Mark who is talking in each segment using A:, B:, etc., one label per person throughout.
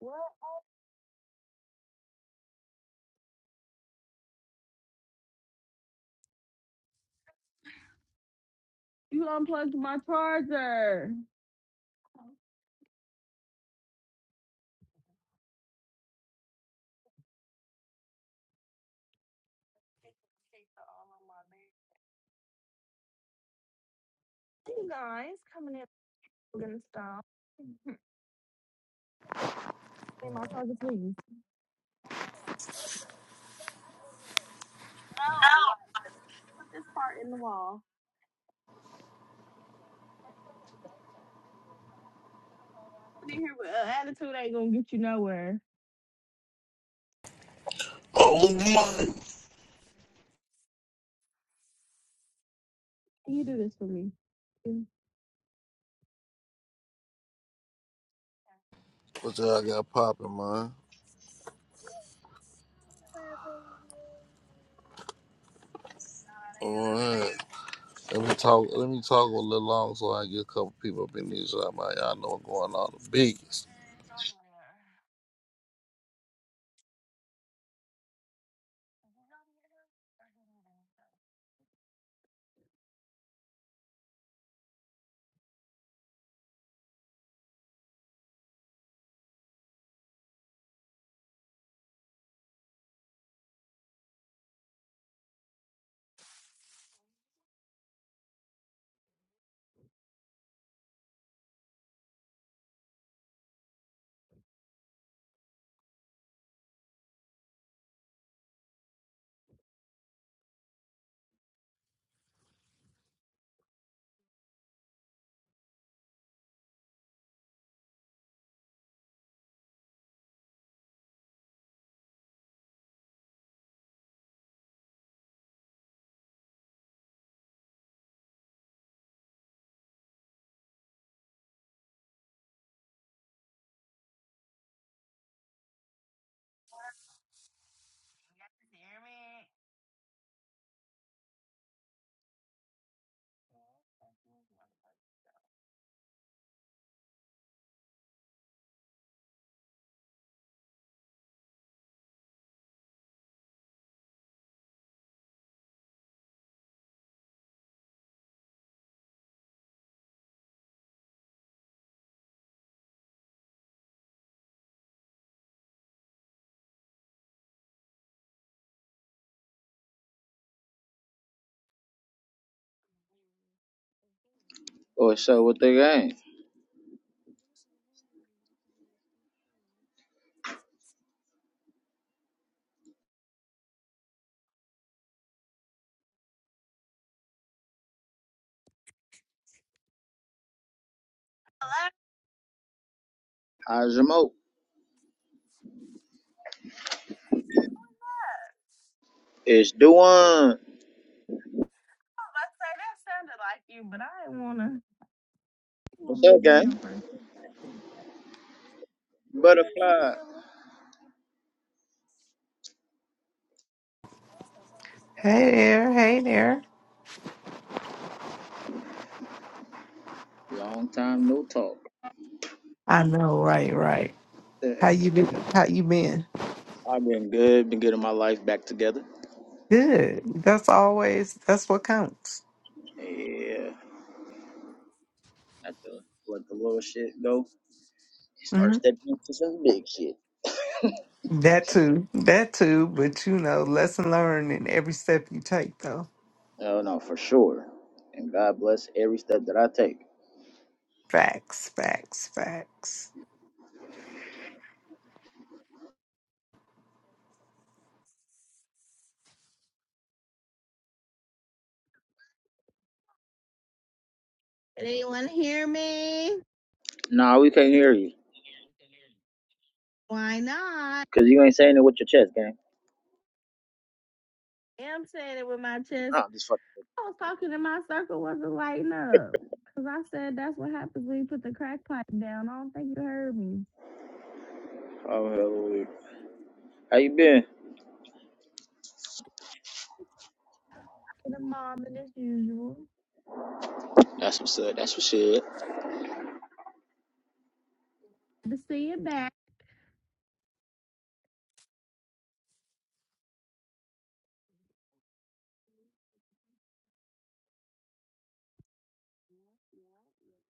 A: What? You unplugged my charger. You guys coming in Gonna stop. Say my charger, please. No, like, put this part in the wall. Put it here with uh, attitude ain't gonna get you nowhere.
B: Oh my!
A: Can you do this for me? Mm.
B: what y'all got popping, man? All right, let me talk. Let me talk a little long so I can get a couple people up in these. I might y'all know what's going on the biggest.
C: What's up with the gang?
A: Hello?
C: How's your mo? It's doing.
A: I was about to say that sounded like you, but I didn't wanna. You want
C: What's
A: me to
C: up,
A: be
C: gang?
A: your person? I'm just
C: Butterfly.
A: chilling.
D: Hey there, hey there.
C: Long time no talk.
D: I know, right, right.
C: Yeah,
D: How you been? How you been?
C: I've been good. Been getting my life back together.
D: Good. That's always that's what counts.
C: Yeah. Had to let the little shit go. Start
D: hmm
C: stepping into some big shit.
D: That too, that too. But you know, lesson learned in every step you take, though.
C: Oh no, for sure. And God bless every step that I take.
D: Facts, facts, facts.
A: Anyone hear me?
C: Nah, we can't hear you.
A: Why not?
C: Cause you ain't saying it with your chest, gang.
A: Yeah, I'm saying it with my chest.
C: Nah, I'm just fucking. with
A: I was talking and my circle wasn't lighting up. Cause I said that's what happens when you put the crack pipe down. I don't think you heard me.
C: you. Oh hallelujah. How you been?
A: Get a mom and as usual.
C: That's what's up. That's what's up. You
A: To see it back.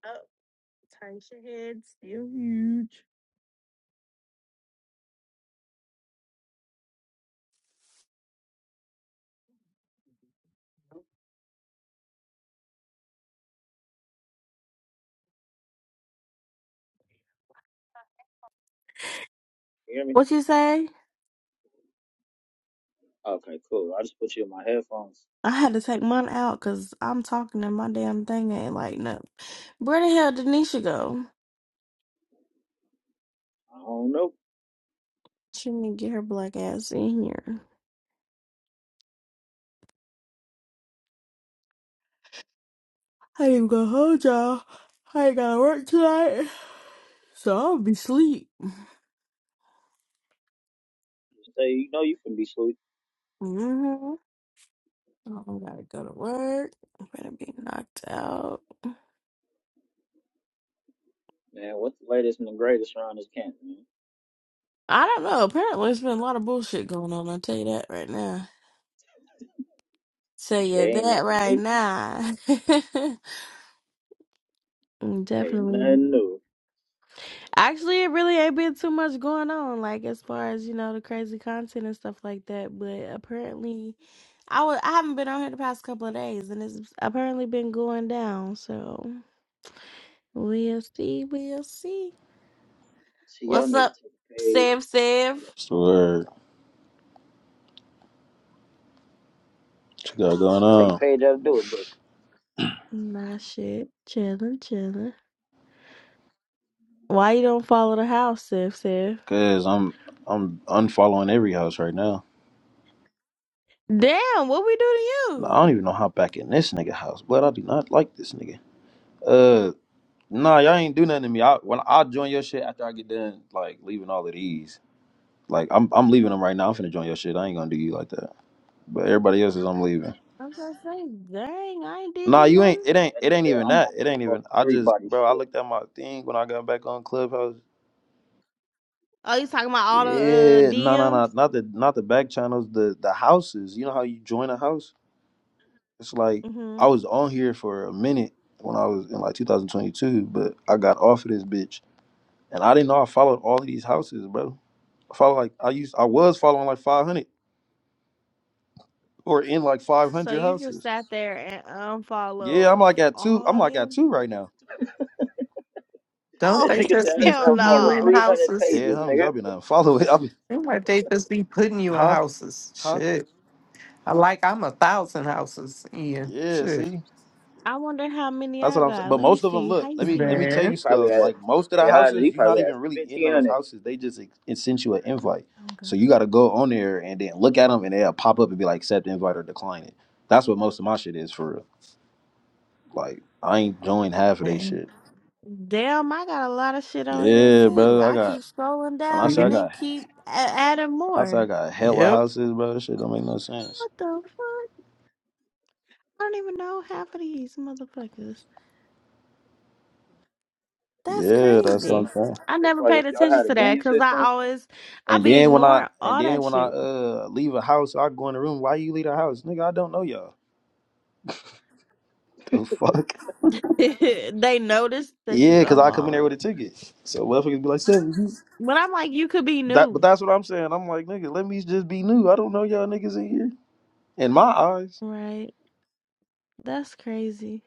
A: Oh, tight your head, still huge.
C: hear me?
A: What you say?
C: Okay, cool. I just put you in my headphones.
A: I had to take mine out because I'm talking and my damn thing ain't lighting up. Where the hell did Nisha go?
C: I don't know.
A: She need to get her black ass in here. I ain't even gonna hold y'all. I ain't gotta work tonight, so I'll be sleep.
C: Say, you know, you can be sweet.
A: Mm-hmm. I gotta go to work. I'm gonna be knocked out.
C: Man, what's the latest and the greatest around this camp, man?
A: I don't know. Apparently, it's been a lot of bullshit going on. I'll tell you that right now. So yeah,
C: There ain't
A: that
C: nothing
A: right
C: new.
A: now.
C: There ain't
A: Definitely.
C: nothing new.
A: Actually, it really ain't been too much going on, like as far as, you know, the crazy content and stuff like that. But apparently I was I haven't been on here the past couple of days and it's apparently been going down, so we'll see, we'll see.
C: See, y'all
A: What's
C: need to
A: up,
C: take a page.
A: Sev
C: out
A: Sev?
C: of-
E: What's the word? What you got going
C: Take a
E: on?
C: page out of do it, book.
A: Nah shit. Chillin', chillin'. Why you don't follow the house, Sev Sev?
E: Cause I'm I'm unfollowing every house right now.
A: Damn, what we do to
E: Nah,
A: you?
E: I don't even know how back in this nigga house, but I do not like this nigga. Uh, nah, y'all ain't do nothing to me. I when I join your shit after I get done, like leaving all of these. Like I'm I'm leaving them right now. I'm finna join your shit. I ain't gonna do you like that. But everybody else is I'm leaving.
A: I'm gonna say, dang, I ain't did
E: Nah,
A: you
E: you ain't.
A: nothing.
E: It ain't.
C: That nigga
E: It ain't
C: said,
E: even
C: I'm
E: that.
C: on that
E: It ain't
C: fuck
E: even. I just,
C: everybody
E: bro. I
C: shit.
E: looked at my thing when I got back on Clubhouse.
A: Oh, you talking about all the uh,
E: Yeah, no, no,
A: DMs?
E: no, not the not the back channels, the the houses. You know how you join a house It's like
A: hmm
E: I was on here for a minute when I was in like 2022, but I got off of this bitch, and I didn't know I followed all of these houses, bro. I follow like I used, I was following like 500 or in like
A: So
E: 500
A: you just
E: houses.
A: sat there and
E: Yeah, I'm
A: unfollow
E: like
A: f-
E: at two. I'm
A: all
E: like at
A: them?
E: two right now.
D: Don't
A: Oh
C: That
D: they
C: nigga said,
D: just
C: I
D: be
C: just
A: hell
D: putting you
C: unfollowed
D: in
A: no!
C: 300
D: houses?
E: Dead
C: pages,
E: homies.
C: nigga.
E: I've been unfollowing. I've been,
D: Seem like they just be putting you in
E: huh,
D: houses.
E: huh.
D: Shit. I Like I'm a thousand houses in.
E: Yeah,
D: Shit.
E: see.
A: I wonder how many
E: That's
A: I
E: what I'm saying.
A: got.
E: But
A: Let me
E: most of them,
A: see. How
E: look,
A: you
E: let me
A: see
E: let
A: that?
E: me tell
D: Man,
C: She
E: you
C: probably
E: stuff.
C: had,
E: Like most of
C: hey,
E: the
C: Haji, he
E: houses, you're not
C: probably had
E: even really in those
C: 1,500.
E: houses. They just ex- it sends you an invite.
A: Oh
E: So
A: god.
E: you got to go on there and then look at them, and they'll pop up and be like, accept invite or decline it. That's what most of my shit is for real. Like I ain't joined half of they
D: man.
E: shit.
A: Damn, I got a lot of shit on here
E: Yeah,
A: too.
E: brother. I
A: I
E: got
A: keep scrolling
E: when I
A: down
E: say I
A: and
D: See.
A: then
E: got
A: keep a- adding
E: I say I
A: more.
E: got hella
D: Yep.
E: houses, bro. That shit don't make no sense.
A: What the fuck? I don't even know half of these motherfuckers. That's
E: Yeah, that's what I'm
A: crazy.
E: saying.
A: I
C: It's
A: never
C: like
A: paid
C: if y'all
A: attention
C: had a
A: to that
C: game
A: because I
C: system,
A: always I
E: And
A: be
E: then when I
A: ignoring
E: and
A: all
E: then
A: that
E: when I
A: shit.
E: uh leave a house, I go in the room. Why you leave the house, nigga? I don't know y'all. The fuck.
A: they notice that you
E: Yeah, because I come in there
A: unfollow.
E: with a ticket. So motherfuckers be like, "Seven, you-"
A: But I'm like, you could be
E: that, but
A: new.
E: that's what I'm saying. I'm like, nigga, let me just be new. I don't know y'all niggas in here. In my eyes,
A: Right. That's crazy.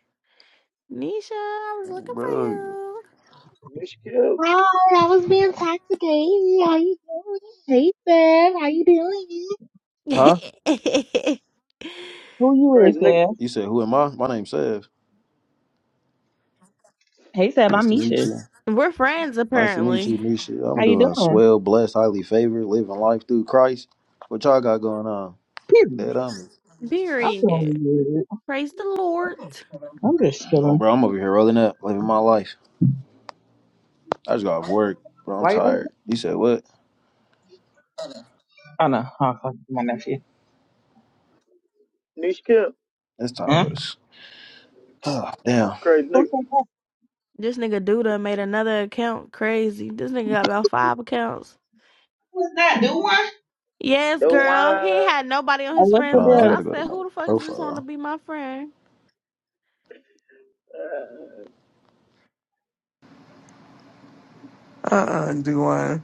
A: Nisha, I was looking for
E: bro.
C: Nisha Kill,
F: Hi, I was being toxicated. How you doing? Hey, Seb. How you doing?
E: Huh?
A: you.
F: Who you is,
C: crazy nigga.
F: Seb?
E: You said, who am I? My name's Sev.
F: Hey, Seb,
E: Nice
F: I'm
E: to meet
F: Nisha.
E: you.
A: We're friends
E: Nice to meet you,
A: apparently.
E: Nisha. I'm
F: How you
E: doing
F: doing?
E: swell, blessed, highly favored, living life through Christ. What y'all got going on?
F: Period.
E: Dead on.
F: I'm
A: Period.
F: doing good.
A: Praise the Lord.
F: I'm just
E: No,
F: chilling.
E: bro, I'm over here rolling up, living my life. I just got off work, bro. I'm
F: Why you like
E: tired.
F: that?
E: You said what?
F: Oh, no. Oh, fuck, my nephew.
C: Nisha Kill,
E: It's time to
F: Huh?
E: go to. s- damn.
C: crazy
F: Who
C: nigga.
F: said that?
A: This nigga Duda made another account crazy. This nigga got about five accounts.
F: Who's that? Do one?
A: Yes,
C: Do
A: girl. He
C: wine.
A: had nobody on
F: Oh,
A: his
F: what's
E: Hold
F: the
A: friends
E: on, I
A: list.
F: deal?
A: I
E: gotta go to
A: said,
E: my
A: who the fuck is this
E: profile.
A: want to be my friend?
C: Uh,
D: Uh-uh, do one.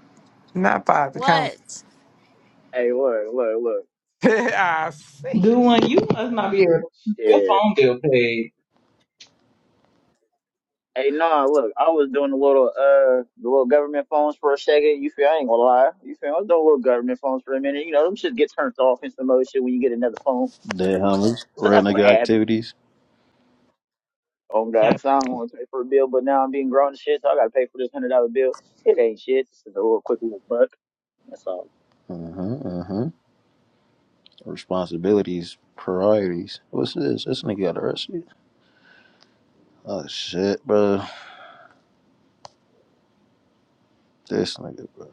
D: Not five, the count.
A: What?
C: hey, look, look, look.
D: I
F: Do
D: see.
F: one, you must not be able to keep your
C: Shit.
F: phone bill paid.
C: Hey, nah, look, I was doing the little, uh, the little government phones for a second. You feel? I ain't gonna lie. You feel? I was doing little government phones for a minute. You know, them shit get turned off in some other shit when you get another phone.
E: Dead homies,
C: So
E: real
C: that's what
E: nigga
C: happened.
E: activities,
C: Oh God,
F: Yeah.
C: 'cause I don't want to pay for a bill, but now I'm being grown and shit, so I gotta pay for this hundred dollar bill. It ain't shit. This is a little quick little buck. That's all.
E: hmm hmm responsibilities, priorities. What's this? This nigga got arrested. Oh shit, bro. This nigga, bro.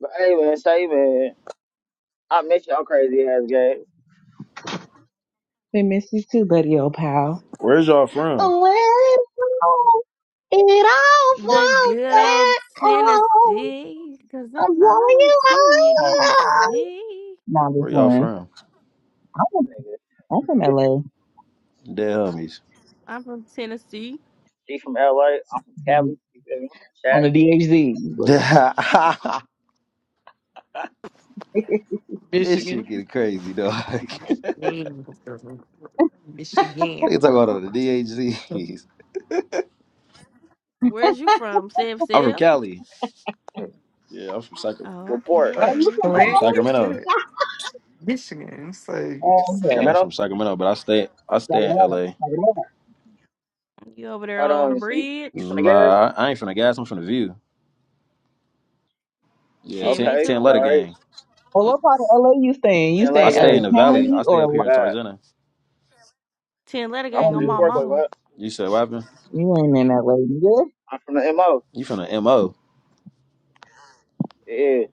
C: But hey, man, say man, I miss y'all crazy ass guys.
F: We miss you too, buddy, old pal.
E: Where's y'all from?
F: Well, it all
A: The
F: falls
A: good
C: Cali,
A: old
F: down.
A: Tennessee. Because
F: I'm blowing
A: I'm the only
F: you
A: team you're going to
F: up.
A: see.
F: No, I'm
E: Where
F: just
E: y'all
F: playing.
E: from?
F: I'm from,
C: nigga.
F: I'm from LA.
E: Dead homies.
A: I'm from Tennessee.
C: She from LA. I'm from Cali. You feel me?
F: On
C: Chat.
F: the DHZ. Look now.
E: Dead-
F: oh,
E: this shit
D: Michigan.
E: get crazy, dog.
D: Michigan,
E: they
D: Michigan,
E: talk about all
D: bro.
E: the DHZs.
A: Where's you from, Sev
E: I'm from
A: Sev?
E: Cali. Yeah, I'm from Sacramento.
A: Oh, okay,
C: Report.
D: What?
F: you
A: okay.
F: from
E: I'm from
D: Flint?
F: Dallas?
E: Sacramento.
D: Shit. Michigan. So you
F: Oh,
C: You from
D: just.
F: okay.
E: Yeah, I'm
F: Check
C: Sacramento?
E: from Sacramento, but I stay I
F: it
E: stay
F: out.
E: in LA.
F: Check it out.
A: You over there
C: Hold
A: on
C: on,
A: the
C: you sleep?
A: bridge?
C: You from the gas?
E: Nah, I, I ain't from the gas. I'm from the View. Yeah,
A: Shit,
E: ten,
A: me
C: Okay,
E: 10
A: too,
E: letter
C: all
A: cuz.
C: right.
E: gang.
F: Well, what part of LA you stay in? You
C: Ten
F: stay
E: I
C: letter
F: in
E: stay
F: LA
E: in the
C: game. Okay.
E: valley.
F: County
E: I stay
F: or
E: up
C: Oh,
E: here
F: L-
E: in
C: God,
E: Tarzana.
A: Ten letter
C: I'm
A: gang
C: from
A: on
C: G
A: my
F: LA?
C: Parkway.
A: mama.
C: What?
E: You said what happened?
F: You ain't in LA, nigga.
C: I'm from the MO.
E: You from the MO.
C: Yeah,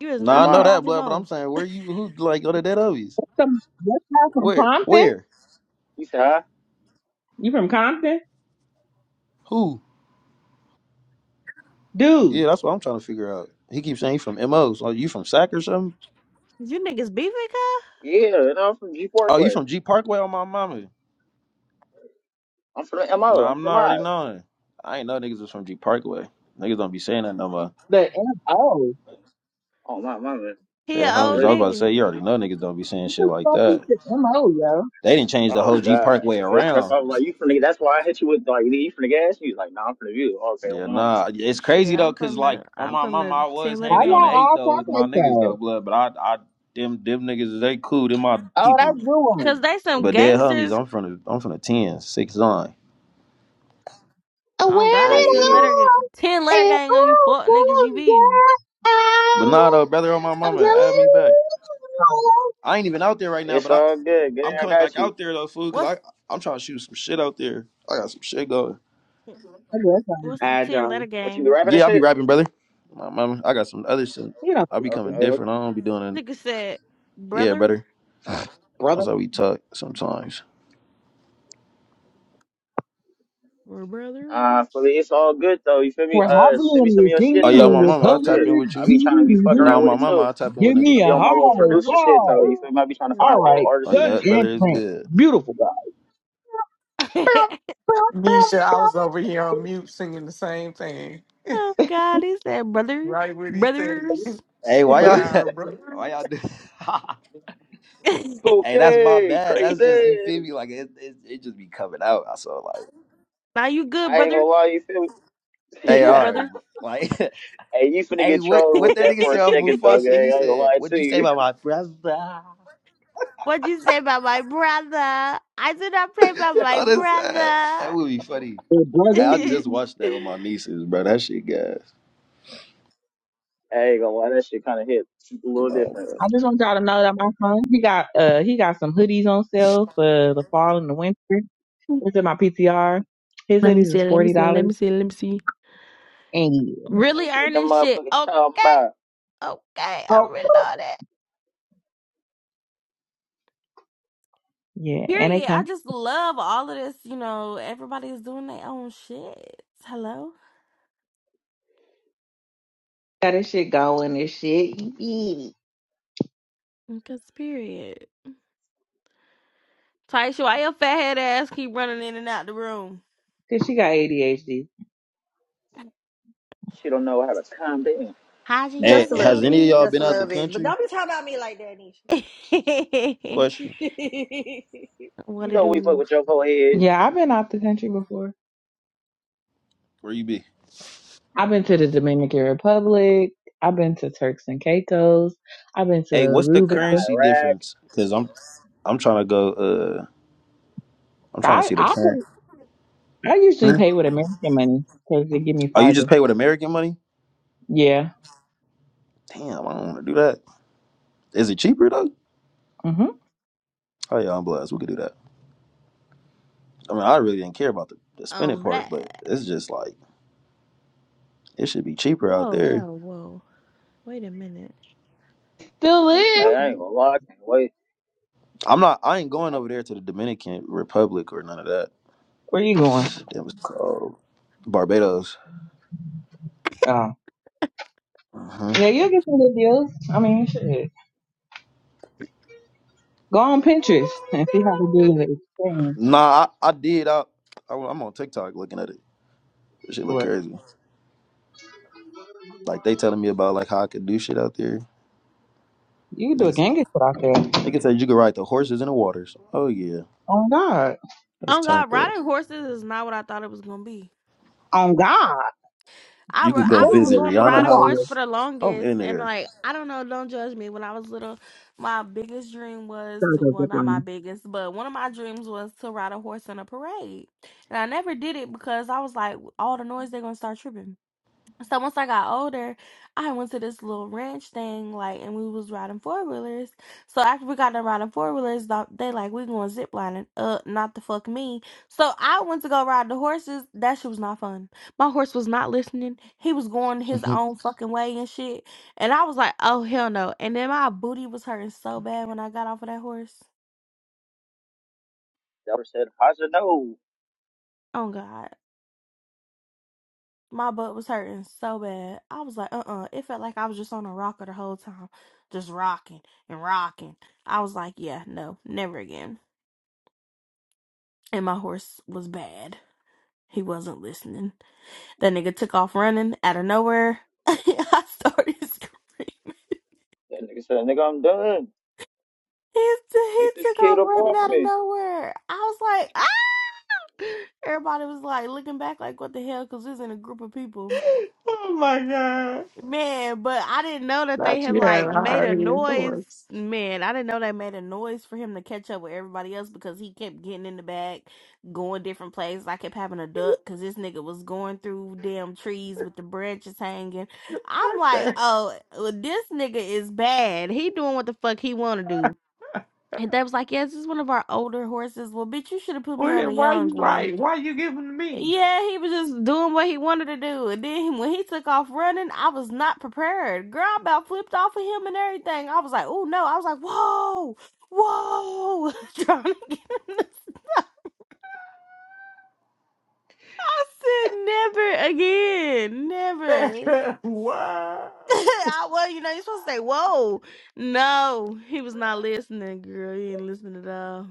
A: You is
E: No,
C: for the
E: I
A: not from
E: know
C: mod.
E: that, blood, but I'm
A: Hajimo.
E: saying where you who like go to Dead Obies?
F: Some, this guy from
E: Where?
F: Compton?
E: Where?
C: You say hi?
F: You from Compton?
E: Who?
F: Dude,
E: Yeah, that's what I'm trying to figure out. He keeps saying he from MO. So you from Sac or something?
A: You niggas beefing, cuz?
C: Yeah, no, I'm from G
E: Oh, you
C: Parkway.
E: from G Parkway on my mama.
C: I'm from the MO.
E: Nah,
C: I'm from
E: I'm not
C: the
E: already
C: mod.
E: knowing. I ain't know niggas was from G Parkway. Niggas don't be saying that no more.
F: the MO.
C: Oh my, my man,
A: He a
E: That
C: I'm
E: homies,
A: old
E: I was about to
C: original.
A: nigga.
E: say, you already know niggas don't be saying
F: What
E: shit
F: the
E: like
F: fuck is
E: that.
F: the MO, yo?
E: They didn't change the
C: Oh
E: whole G
C: God,
E: Parkway
C: yeah, so that's
E: around.
C: why I was like, you from the? That's why I hit you with like, you from the gas? You was like, nah, I'm from the view. Okay,
E: Yeah,
C: I'm on.
E: nah, it's crazy
A: Shit,
E: though,
A: I'm
E: cause
A: from
E: like
A: the
E: on
A: I'm
E: my
A: from
E: mama, I
A: the
E: was
A: ten letter
F: Why
E: hanging on the
A: gang.
F: y'all
E: eight
F: all
E: though
F: talk
E: with my
F: like
E: niggas though,
F: that?
E: blood. But I, I, them, them niggas, they cool, them my
F: Oh, that's
E: people.
A: Cause
F: Ruin.
A: they some
E: But they're homies.
A: gangsters.
E: I'm from the, I'm from the ten, six nine.
F: And when
A: Oh
C: Yeah,
A: God,
F: it
A: ten
C: yeah. yeah.
A: letter ga-
F: all,
A: ten letter
F: it
A: gang on you
F: all
A: fuck niggas. You
F: comes
A: be
F: down,
E: But nah, though, brother, on my
F: I'm
E: mama,
F: telling
E: add me back.
F: you.
E: I ain't even out there right now,
C: it's
E: but I,
C: all good. Good,
E: I'm
C: I
E: coming
C: got
E: back
C: you.
E: out there though, fool, cause
A: what's
E: I, I'm trying to shoot some shit out there. I got some shit going.
F: I guess I'm
A: what's the ten
F: agile.
A: letter
C: What you be
A: gang?
C: rapping and
E: Yeah, I'll be
C: shit?
E: rapping, brother. My mama, I got some other shit.
F: You know,
E: i be coming
C: Okay,
E: different. I don't be doing it.
A: Nigga said
E: Yeah,
A: brother
E: brother.
F: brother.
E: That's how we talk sometimes.
A: or brothers.
C: Uh, but it's all good though. You feel me?
F: We're
C: Uh,
F: happy
C: send me
F: and
C: some
F: we're
C: of your shit
E: Oh
F: singing
E: yeah,
C: though.
F: and
E: my
F: we're
C: That's
E: mama,
C: all
E: I'll
F: colored.
E: tap in
C: good.
E: with
C: I
E: you.
C: be trying to be fucking
E: No,
C: around with
E: my
C: it
F: Doo-doo-doo-doo.
E: mama,
C: too.
E: I tap in with
F: Give me
E: niggas.
C: I
F: a
C: be
A: Give
C: on my
F: high
C: little
A: me a hard
C: producer shit though. You
F: five.
A: time.
C: feel me? I be trying to find
F: All
C: little
F: right,
E: Oh
C: artists and
F: cut
E: yeah,
C: shit.
F: and
E: brother is
F: print.
E: good.
F: Beautiful guy. Bow, bow, bow,
D: Nisha, I
F: bow.
D: was over here on mute singing the same thing.
A: oh God, he said brother
D: Right what he said.
A: brothers.
E: Hey, why
D: We
E: y'all?
F: Brother,
D: are
E: Why y'all
D: brothers.
E: do? hey, that's my
C: Okay,
E: bad. That's just you feel
C: crazy.
E: me. Like it, it, it just be coming out. I saw like,
A: now you good,
C: I ain't gonna
A: brother?
C: lie, you feel
A: You
C: me?
E: hey,
A: good,
E: all right,
A: brother?
E: bro. like,
C: hey, you finna
E: hey,
C: get
E: what,
C: trolled
E: what
C: with
E: that
C: that
E: nigga
C: for a
E: said off
C: second though,
E: Mufasa? He
C: gang. I ain't gonna
E: said,
C: lie to
E: "What'd you say
C: you.
E: about my brother?"
A: What'd you say about my brother? I did not play about my
E: Oh, that's sad.
A: brother.
E: That would be funny.
F: Hey, brother.
E: Hey, I just
A: Let
E: watched that with my nieces, bro. That shit guys.
C: I ain't gonna lie, that shit kinda hit a little
E: No,
C: different.
E: bro.
F: I just want y'all to know that my son, he got uh he got some hoodies on sale for the fall and the winter. It's in my PTR. His
A: me
F: hoodies is
A: see. Let me
F: forty
A: see. Let
F: dollars.
A: me see. Let me see.
F: And yeah.
C: Let
A: Really
C: me see what the
A: earning shit.
C: motherfucker talking
A: Okay.
C: about.
A: Okay. I
F: Oh,
A: really know that.
F: Yeah, and they
A: Period. I
F: come.
A: just love all of this. You know, everybody's doing their own shit. Hello?
F: Got this shit going and shit. Yeah.
A: Because, period. Taisha, why your fat head ass keep running in and out the room?
F: Cause she got ADHD.
C: She don't know how to calm down.
A: How's your
E: Hey,
G: Just a little
A: hair
E: has any
G: bit.
E: of y'all
A: been?
G: Just
E: been
G: a
E: out the
G: little bit. But
E: country?
G: don't be talking about me like that, Nisha.
E: Question.
C: You
A: what it
C: know we fuck
A: do?
C: with your whole head.
F: Yeah, I've been out the country before.
E: Where you be?
F: I've been to the Dominican Republic. I've been to Turks and Caicos. I've been to
E: Hey, what's
C: i
E: the
F: Aruba.
C: been to
E: currency
C: Iraq.
E: difference? Because I'm I'm trying to go. Uh, I'm trying to
F: I
E: see the
F: I
E: current.
F: pay, I usually
E: Hmm?
F: pay with American money because they give me
E: Oh, you
F: farther.
E: just pay with American money?
F: Yeah.
E: Damn, I don't want to do that. Is it cheaper though?
F: Mhm.
E: Oh yeah, I'm blessed. We could do that. I mean, I really didn't care about the, the spending
A: Um,
E: part, but
A: black.
E: it's just like it should be cheaper out
A: Whoa,
E: there.
A: whoa, whoa. Wait a minute.
F: Still
A: What the
F: live.
C: Hey, I
A: fuck?
C: ain't gonna lie, I can't wait.
E: I'm not. I ain't going over there to the Dominican Republic or none of that.
F: Where you going?
E: That was called Barbados.
F: Oh.
E: Mhm.
F: Yeah, you'll get some good deals. I mean, shit. Go on Pinterest and see how to do the
A: Oh,
F: exchange.
E: Nah, I, I did. I, I I'm on TikTok looking at it. That shit look
F: What?
E: crazy. Like they telling me about like how I could do shit out there.
F: You can do a
E: niggas.
F: gang put out there.
E: They can say you could ride the horses in the waters. Oh yeah,
F: On God.
E: that's
A: Oh
E: turned
A: God,
E: up.
A: riding horses is not what I thought it was gonna be.
F: On God.
A: I
E: You
A: ri-
E: could go
A: I
F: Especially in
A: was
E: visit
F: the
A: on the
E: Rihanna
F: fucking
A: riding horse
F: water.
A: for
E: house.
A: the
E: I'm
A: longest,
E: in
A: and
E: there.
A: like I don't know, don't judge me. When I was little, my biggest dream was
F: Gotta
A: to
F: go
A: well,
F: zip
A: not my
F: lining.
A: biggest, but one of my dreams was to ride a horse in a parade, and I never did it because I was like, all the noise they're gonna start tripping. So once I got older, I went to this little ranch thing, like, and we was riding four wheelers. So after we got done riding four wheelers, they like we going zip lining. Uh, not the fuck me. So I went to go ride the horses. That shit was not fun. My horse was not listening. He was going his own fucking way and shit. And I was like, oh hell no. And then my booty was hurting so bad when I got off of that horse.
C: That was said, how's it know?
A: Oh god. My butt was hurting so bad. I was like, uh uh It felt like I was just on a rocker the whole time, just rocking and rocking. I was like, yeah, no, never again. And my horse was bad. He wasn't listening. That nigga took off running out of nowhere. I started screaming.
C: That nigga said, nigga, I'm done.
A: He, he
C: Get this
A: took off
C: kid up
A: running
C: off
A: out of
C: me.
A: nowhere. I was like, ah! Everybody was like looking back, like, what the hell? Because was in a group of people.
D: Oh my God.
A: Man, but I didn't know that they
D: Not you
A: had
D: had
A: like
D: a
A: made
D: higher
A: a
D: head
A: noise.
D: voice.
A: Man, I didn't know they made a noise for him to catch up with everybody else because he kept getting in the back, going different places. I kept having a duck because this nigga was going through damn trees with the branches hanging. I'm
D: What
A: like,
D: the?
A: oh, well, this nigga is bad. He doing what the fuck he want to do. And they was like, yes, this is one of our older horses. Well, bitch, you should have put me on a
D: What, why
A: young
D: you
A: one.
D: right? Why you giving to me?
A: Yeah, he was just doing what he wanted to do. And then when he took off running, I was not prepared. Girl, I about flipped off of him and everything. I was like, oh no. I was like, whoa, whoa. Trying to get him to I said never again. Never.
D: wow.
A: I well, you know, you're supposed to say, whoa. No, he was not listening, girl. He didn't listen at all.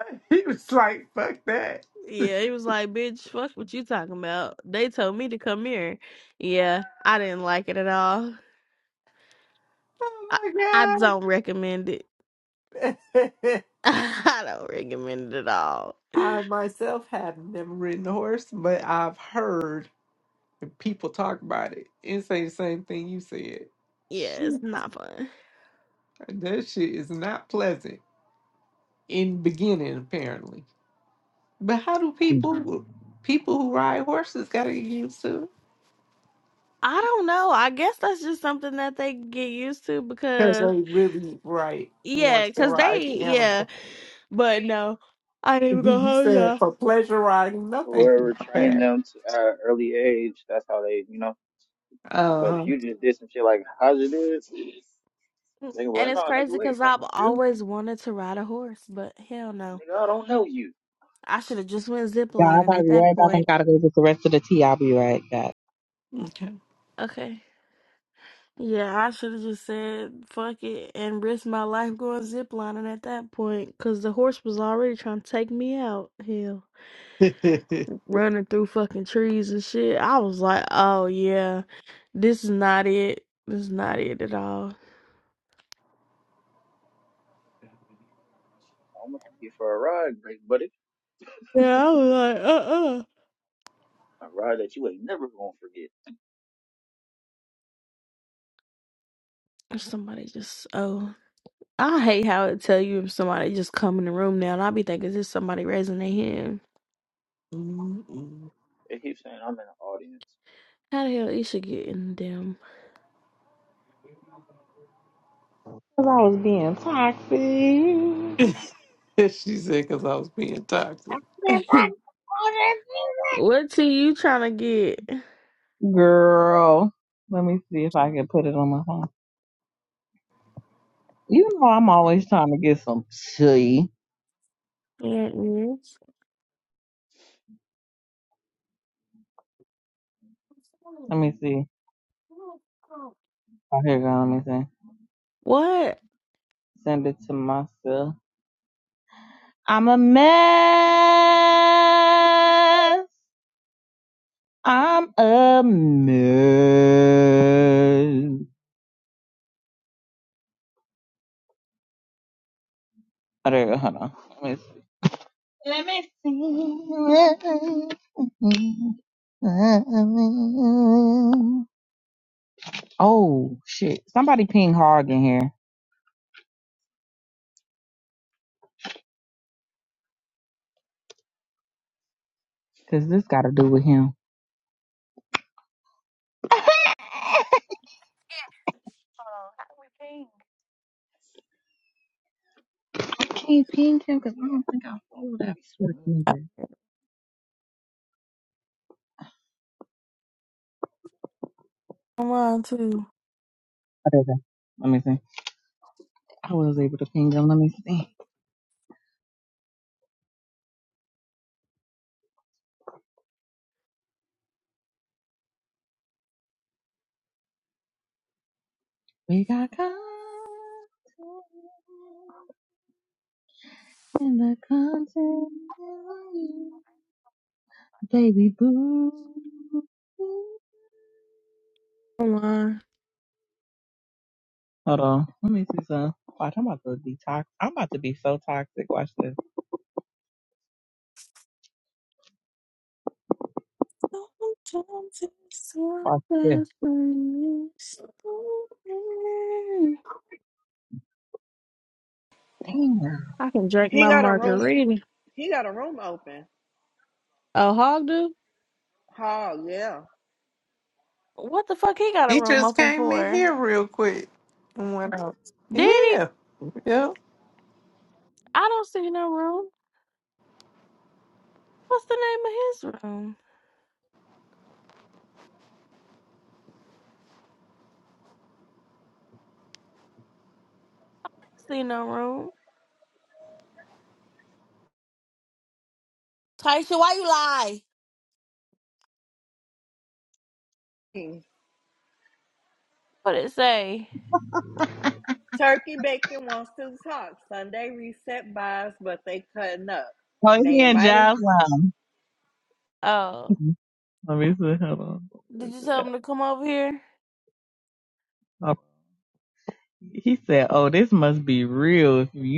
D: He was like, fuck that.
A: Yeah, he was like, bitch, fuck what you talking about. They told me to come here. Yeah, I didn't like it at all. I, I
D: Oh
A: don't recommend it.
D: my God.
A: I don't recommend it at all.
D: I myself have never ridden a horse, but I've heard people talk about it and say the same thing you said.
A: Yeah, it's
D: Shit,
A: not fun.
D: That shit is not pleasant in the beginning, apparently. But how do
F: Mm.
D: people people who ride horses gotta get used to it?
A: I don't know. I guess that's just something that they can get used to
D: Because
A: because,
D: they really right want
A: yeah,
D: to
A: because
D: ride
A: they,
D: the
A: yeah.
D: animal.
A: But no, I didn't even go
D: You
A: home,
D: said
A: y'all.
D: for pleasure riding, nothing.
C: Whoever
D: My
C: trained
D: bad.
C: them to uh, early age, that's how they, you know. But
D: Uh
C: if you just did some shit like how's it is, they gonna be
A: And
C: like, no,
A: it's crazy
C: nigga, we ain't
A: because I've
C: fucking with you.
A: always wanted to ride a horse, but hell no.
C: Nigga, I don't know you.
A: I should have just went
F: God, I
A: ziplining
F: gotta
A: at
F: be
A: that
F: right back. I
A: point.
F: gotta go get the rest of the tea. I'll be right back.
D: huh.
A: Okay. Yeah, I should have just said fuck it and risked my life going ziplining at that point, cause the horse was already trying to take me out. Hell,
D: Mm-mm.
A: running through fucking trees and shit. I was like, oh yeah, this is not it. This is not it at all.
C: I'm gonna take you for a ride, great buddy.
A: Yeah, I was like, uh
C: A ride that you ain't never gonna forget.
A: uh Somebody just oh, I hate how it tell you if somebody just come in the room now, and I be thinking is this somebody raising their hand?
C: They keep saying I'm in the audience.
A: How the hell you should get in them?
F: Cause I was being toxic.
D: she said because I was being toxic.
F: I can't find the
A: what tea you trying to get?
F: water. Girl. Let me see if I can put it on my phone. You know I'm always trying to get some tea.
A: Yeah,
F: Let me see. Oh, here you go. Let me see.
A: What?
F: Send it to myself. I'm a mess. I'm a mess. Oh, Hold on. Let me see. Let me see. Oh shit! Somebody ping Hog in here, cause this got to do with him. I can't ping him, cause I don't think
C: Yeah,
F: I
C: you gonna
F: follow that
C: be sweet.
F: pork
C: Mm.
F: nigga.
A: I'm on too.
F: Oh, there you go. Let me see. I was able to ping him. Let me see. We got. contact. in the continent, baby boo.
A: I'm on.
F: Hold on, let me see some. Watch, I'm about to be toxic. I'm about to be so toxic. Watch this.
A: Sometimes it's not
F: Watch this.
A: best for you. So bad.
F: Damn.
A: I can drink
G: he
A: my
G: got a room.
A: margarita.
G: He got a room open.
A: Oh, Hog do?
G: Oh yeah.
A: What the fuck he got a
D: He
A: room
D: just
A: open
D: came in
A: for?
D: here real quick and went out.
A: Did he?
D: Yeah, yeah,
A: I don't see no room. What's the name of his room? See no room. Taisha, why you lie?
G: Hmm.
A: What it say?
G: Turkey Bacon wants to talk. Sunday reset buys, but they cutting up.
F: Oh,
G: They
F: he and
G: invited.
F: Jazz Lounge.
A: Oh,
F: Let me see. Hold
A: did you tell
F: on.
A: him to come over here?
F: Oh, He said, "Oh, this must be real." If you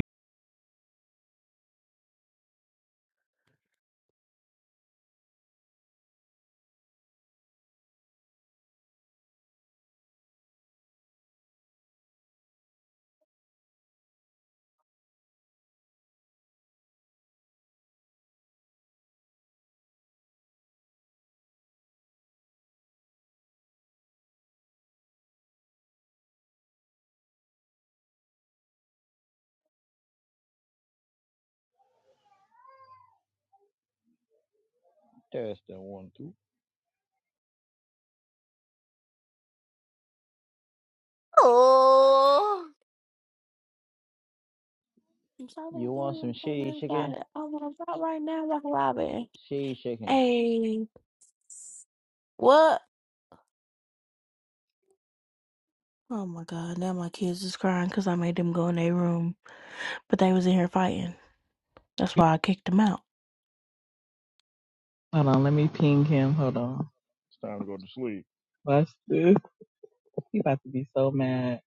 A: Oh. I'm sorry, I'm
C: You want some
A: doing
C: shitty
A: something about
C: chicken?
A: it. I'm gonna top right now, like Robin.
C: Shitty chicken.
A: Hey, what? Oh my god, now my kids is crying because I made them go in their room. But they was in here fighting. That's why I kicked them out.
F: hold on, let me ping him. Hold on. Watch this. He about to be so mad.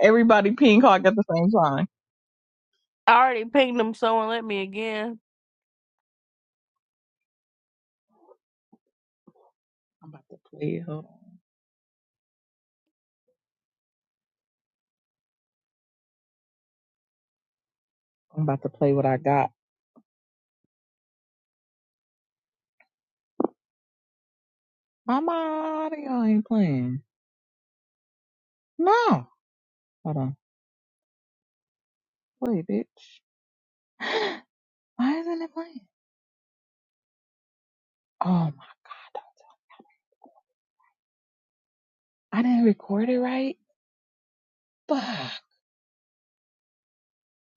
F: Everybody ping Hawk at the same time.
A: I already pinged them, someone let me again.
F: I'm about to play it. Hold on. I'm about to play what I got. My audio ain't playing. No. Hold on. Wait, bitch. Why isn't it playing? Oh my. I didn't record it right. Fuck.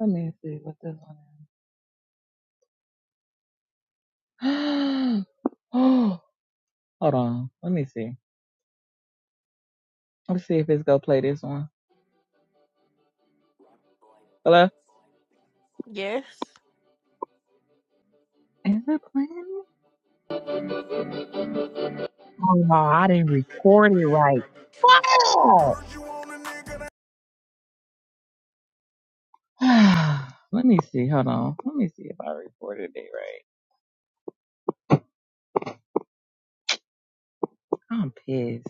F: Let me see what this one is. oh, hold on. Let me see. Let's see if it's gonna play this one. Hello?
A: Yes.
F: Is it playing? Oh no, I didn't record it right. Fuck. Let me see. Hold on. Let me see if I recorded it right. I'm pissed.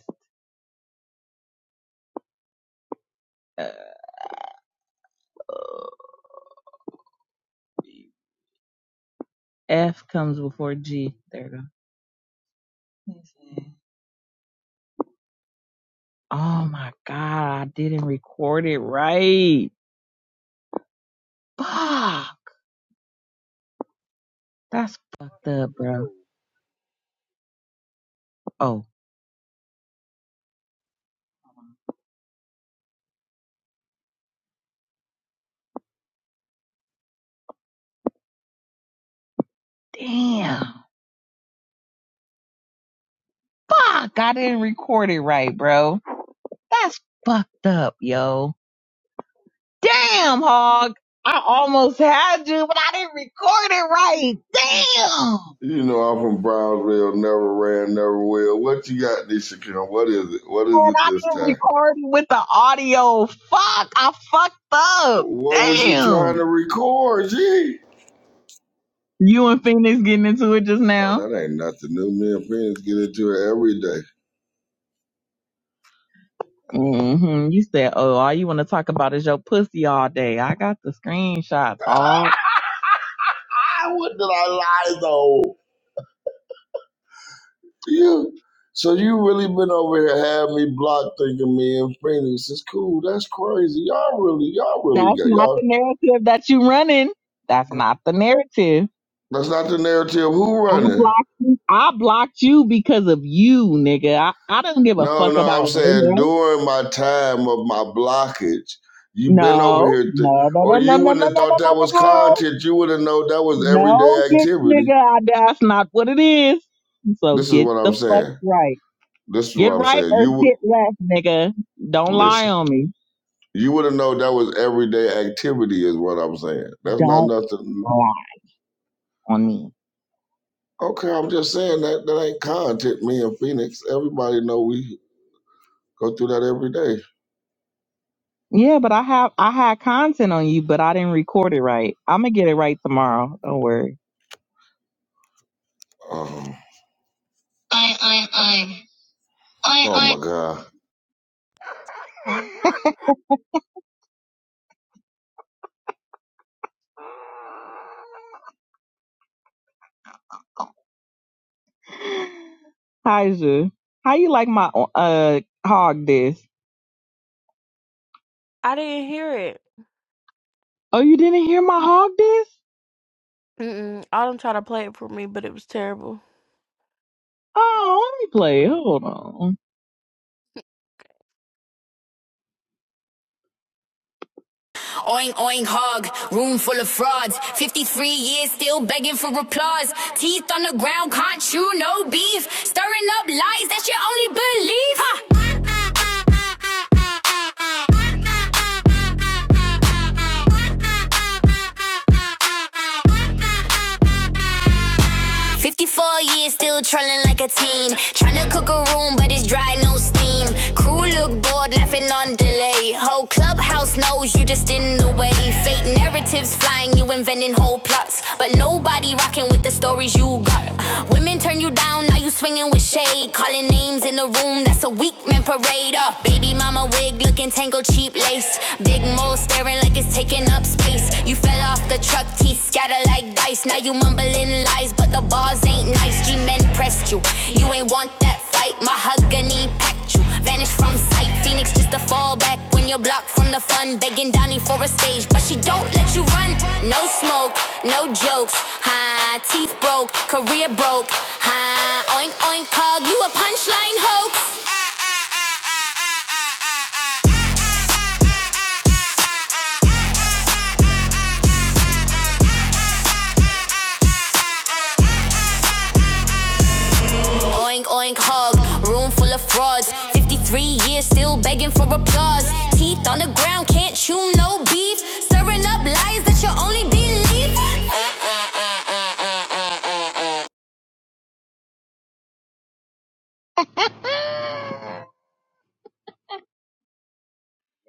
F: Uh, oh, yeah. F comes before G. There we go. Yes, Oh my god, I didn't record it right. Fuck. That's fucked up,
C: It's
F: bro.
C: cool.
F: Oh, damn. Fuck, I didn't record it right, bro. That's fucked up, yo. Damn, hog. I almost had you, but I didn't record it right. Damn.
H: You know, I'm from Brownsville, never ran, never will. What you got, Nishikun? What is it? What is
F: Man,
H: it
F: I
H: this
F: didn't
H: time?
F: record it with the audio. Fuck, I fucked up.
H: What was you trying to
F: Damn.
H: record, G?
F: You and Phoenix getting into it just
H: Oh,
F: now?
H: that ain't nothing new. Me and friends get into it every day.
F: hmm You said, oh, all you want to talk about is your pussy all day. I got the screenshots, hog.
H: I wouldn't I lie though? You so you really been over here having me blocked thinking me and Phoenix is cool. That's crazy. Y'all really, y'all really
F: That's
H: got
F: not the
H: y'all.
F: narrative that you running. That's not the narrative.
H: That's not the narrative. Who
F: I
H: running?
F: blocked you. I blocked you because of you, nigga. I, I don't give a
H: No,
F: fuck
H: no, I'm
F: about her,
H: saying
F: bro.
H: during my time of my blockage, you've been over
F: No.
H: here, th-
F: No, no, no,
H: or
F: no,
H: you
F: no, no, no,
H: wouldn't have
F: no,
H: thought
F: no, no,
H: that was
F: no.
H: content. You would have known that was
F: No,
H: everyday
F: bitch,
H: activity.
F: nigga. I, that's not what it is. So
H: This is
F: get
H: what
F: the
H: I'm
F: fuck
H: saying.
F: right.
H: This is what
F: Get
H: I'm
F: right
H: saying.
F: or
H: You would
F: get left, nigga. Don't lie
H: listen.
F: on me.
H: You would have known that was everyday activity, is what I'm saying. That's not
F: Don't
H: nothing.
F: lie on me.
H: Okay, I'm just saying that that ain't content. Me and Phoenix, everybody know we go through that every day.
F: Yeah, but I have I had content on you, but I didn't record it right. I'm gonna get it right tomorrow. Don't worry.
H: Um,
F: I I I
H: oh
F: I
H: my God.
F: I. Hija, how you like my uh hog this?
A: I didn't hear it.
F: Oh, you didn't hear my hog this?
A: Mm-mm. All them try to play it for me, but it was terrible.
F: Oh, let me play. it. Hold on.
I: Oink, oink, hog, room full of frauds. 53 years still begging for applause. Teeth on the ground, can't chew, no beef. Stirring up lies that you only believe. Huh. 54 years, still trolling like a teen. Tryna cook a room, but it's dry, no steam. Crew look bored, laughing on delay. Whole clubhouse knows you just in the way. Fake narratives flying, you inventing whole plots. But nobody rocking with the stories you got. Women turn you down, now you swinging with shade. Calling names in the room, that's a weak man parade. Uh, baby mama wig looking tangled, cheap lace. Big mole staring like it's is taking up space. You fell off the truck, teeth scatter like dice. Now you mumbling lies, but the bars ain't nice. G-men pressed you, you ain't want that fight. Mahogany packed you, vanished from sight. Phoenix just a fallback when you're blocked from the fun. Begging Donnie for a stage, but she don't let you run. No smoke, no jokes, huh? Teeth broke, career broke, huh? Oink oink, cog you a punchline hoax. Oink oink hog, room full of frauds. 53 years still begging for applause. Teeth on the ground, can't chew no beef. Stirring up lies that you only believe.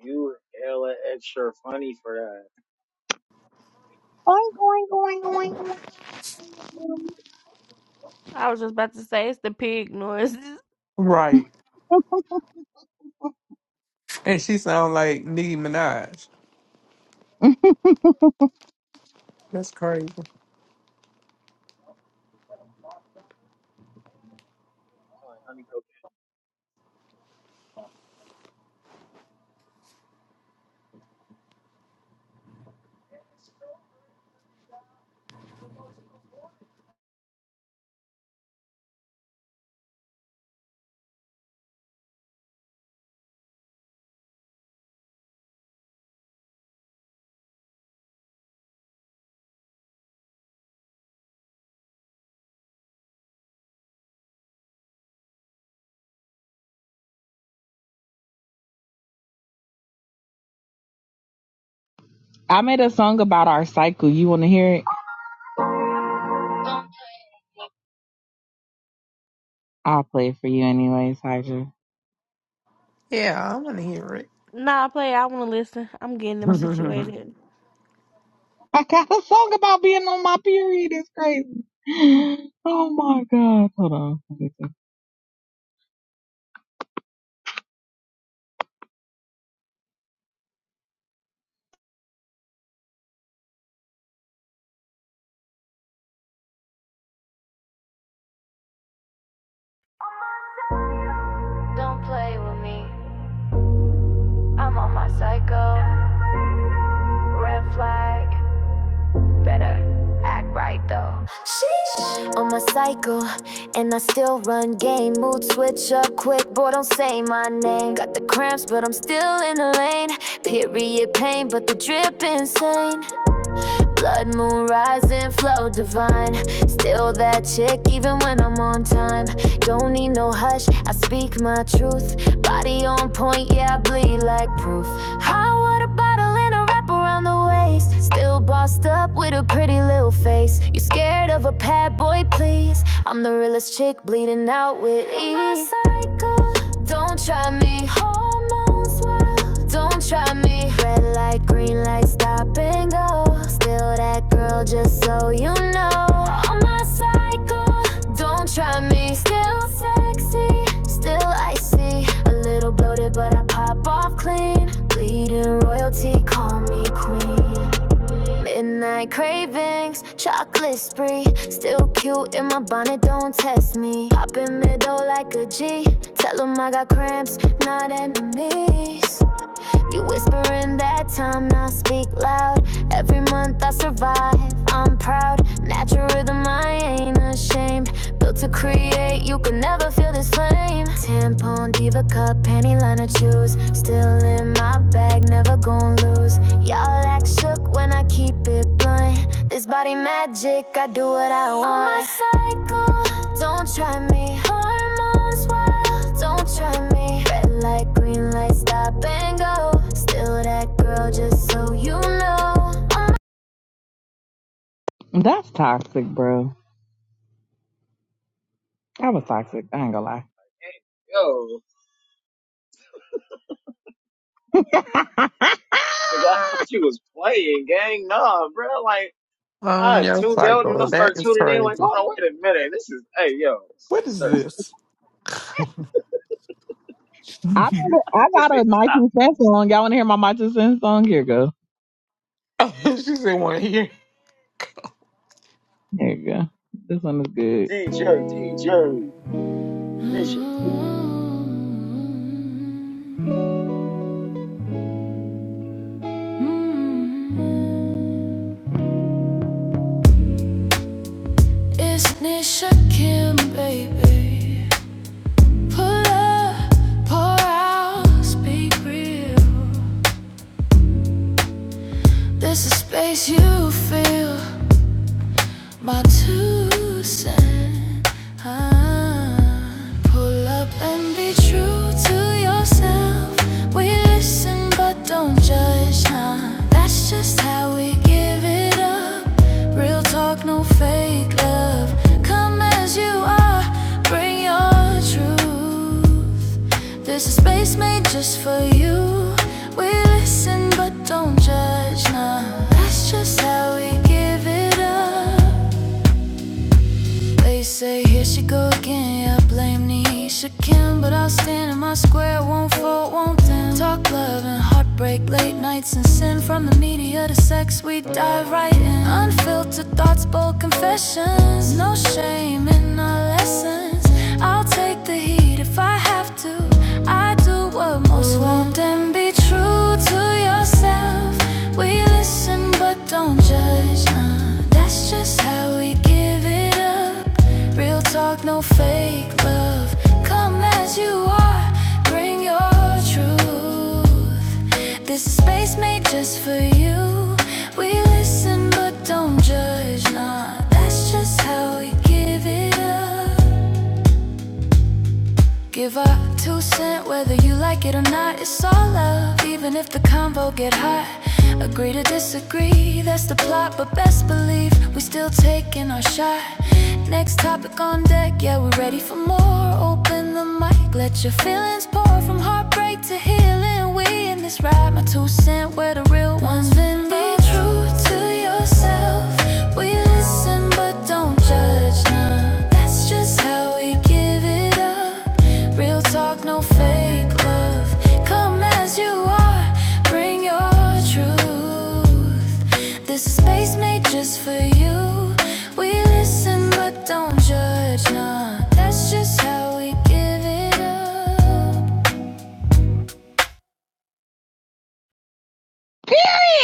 C: You hella extra funny for that.
F: Oink, oink, oink, oink,
A: I was just about to say, it's the pig noise.
D: right.
F: oink.
D: And she sound like Nicki Minaj. That's crazy.
C: Like honey cocaine.
F: I made a song about our cycle. You want to hear it? I'll play it for you anyways, Hydra.
D: Yeah, I want to hear it.
A: nah, play, I want to listen. I'm getting them situated.
F: I got a song about being on my period. It's crazy. Oh my god. Hold on. Let me see.
I: Don't play with me. I'm on my cycle. Red flag. Better act right though. Sheesh, On my cycle, and I still run game. Mood switch up quick, boy, don't say my name. Got the cramps, but I'm still in the lane. Period pain, but the drip insane. Blood moon rising, flow divine. Still that chick, even when I'm on time. Don't need no hush, I speak my truth. Body on point, yeah, I bleed like proof. Hot water bottle and a wrap around the waist. Still bossed up with a pretty little face. You scared of a bad boy, please. I'm the realest chick, bleeding out with ease. Don't try me, hormones. Don't try me. Red light, green light, stop and go. Still that girl, just so you know. On my cycle, don't try me. Still sexy, still icy. A little bloated, but I pop off clean. Bleeding royalty, call me queen. Midnight cravings, chocolate spree. Still cute in my bonnet, don't test me. Pop in middle like a G. Tell 'em I got cramps, not enemies like You whispering that time, now speak loud. Every month I survive, I'm proud. Natural rhythm, I ain't ashamed. Built to create, you can never feel this flame. Tampon, diva cup, panty liner, choose. Still in my bag, never gon' lose. Y'all act shook when I keep it blunt. This body magic, I do what I want. On my cycle, don't try me. Hormones, don't try me. Red light, green light, stop and go. Still that girl, just so you know.
F: That's toxic, bro. That was toxic. I ain't gonna lie.
C: Yo, nigga, I thought you was playing, gang. Nah, bro. Like
D: On
C: I
D: your
C: tuned out and
D: cycle,
C: I
D: that
C: started
D: is
C: tuning in. Like,
D: crazy.
C: hold on, wait a minute. This is hey, yo,
D: What is
C: start.
D: this?
F: I
D: she
F: got a,
C: I
F: I
C: think this
F: got a
C: nigga
F: My
C: stop.
F: Two Cents song. Y'all wanna hear my My Two Cents song? Here you go.
D: said, "Want to hear?"
F: Here you go. This one is good.
C: DJ, DJ, DJ. Is
I: I'm for truth for you. We listen but don't judge now. That's just how we give it up. They say here she go again, yeah, blame Nisha Kim But I'll stand in my square, won't fold, won't bend Talk love and heartbreak, late nights and sin From the media to sex, we dive right in Unfiltered thoughts, bold confessions No shame in our lessons I'll take the heat if I have to I do what most won't and be true to yourself We listen but don't judge, nah That's just how we give it up Real talk, no fake love. Come as you are, bring your truth. This is space made just for you. We listen but don't judge, nah. That's just how we give it up. Give a two cent whether you like it or not. It's all love, even if the combo get hot. Agree to disagree, that's the plot. But best believe we still taking our shot. Next topic on deck, yeah, we're ready for more. Open the mic, let your feelings pour from heartbreak to healing. We in this ride, my two cent, where the real ones been. Be true to yourself no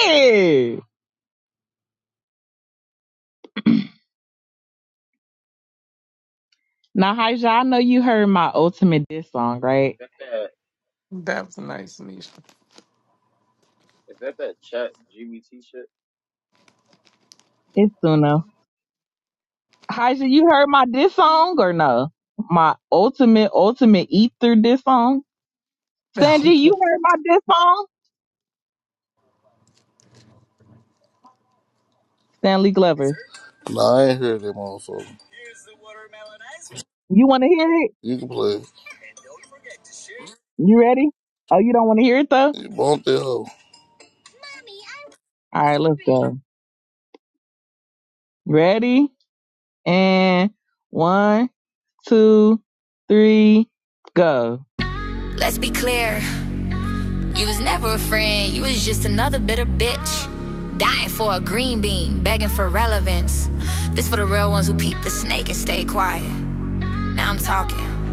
F: Period. Now, Hydra, I know you heard my ultimate diss song, right?
C: that that?
D: That was nice, Nisha.
C: Is that that chat GBT shit?
F: It's Suno. Hija, you heard my diss song or no? My ultimate, ultimate ether diss song. Stanji, you heard my diss song? Stanley Glover.
B: Nah, I ain't heard that motherfucker.
F: You want to hear it?
B: You can play.
F: You ready? Oh, you don't want to hear it though?
B: You want that hoe?
F: All right, let's go. Ready? And one, two, three, go.
I: Let's be clear. You was never a friend, you was just another bitter bitch. Dying for a green bean, begging for relevance. This for the real ones who peep the snake and stay quiet. Now I'm talking.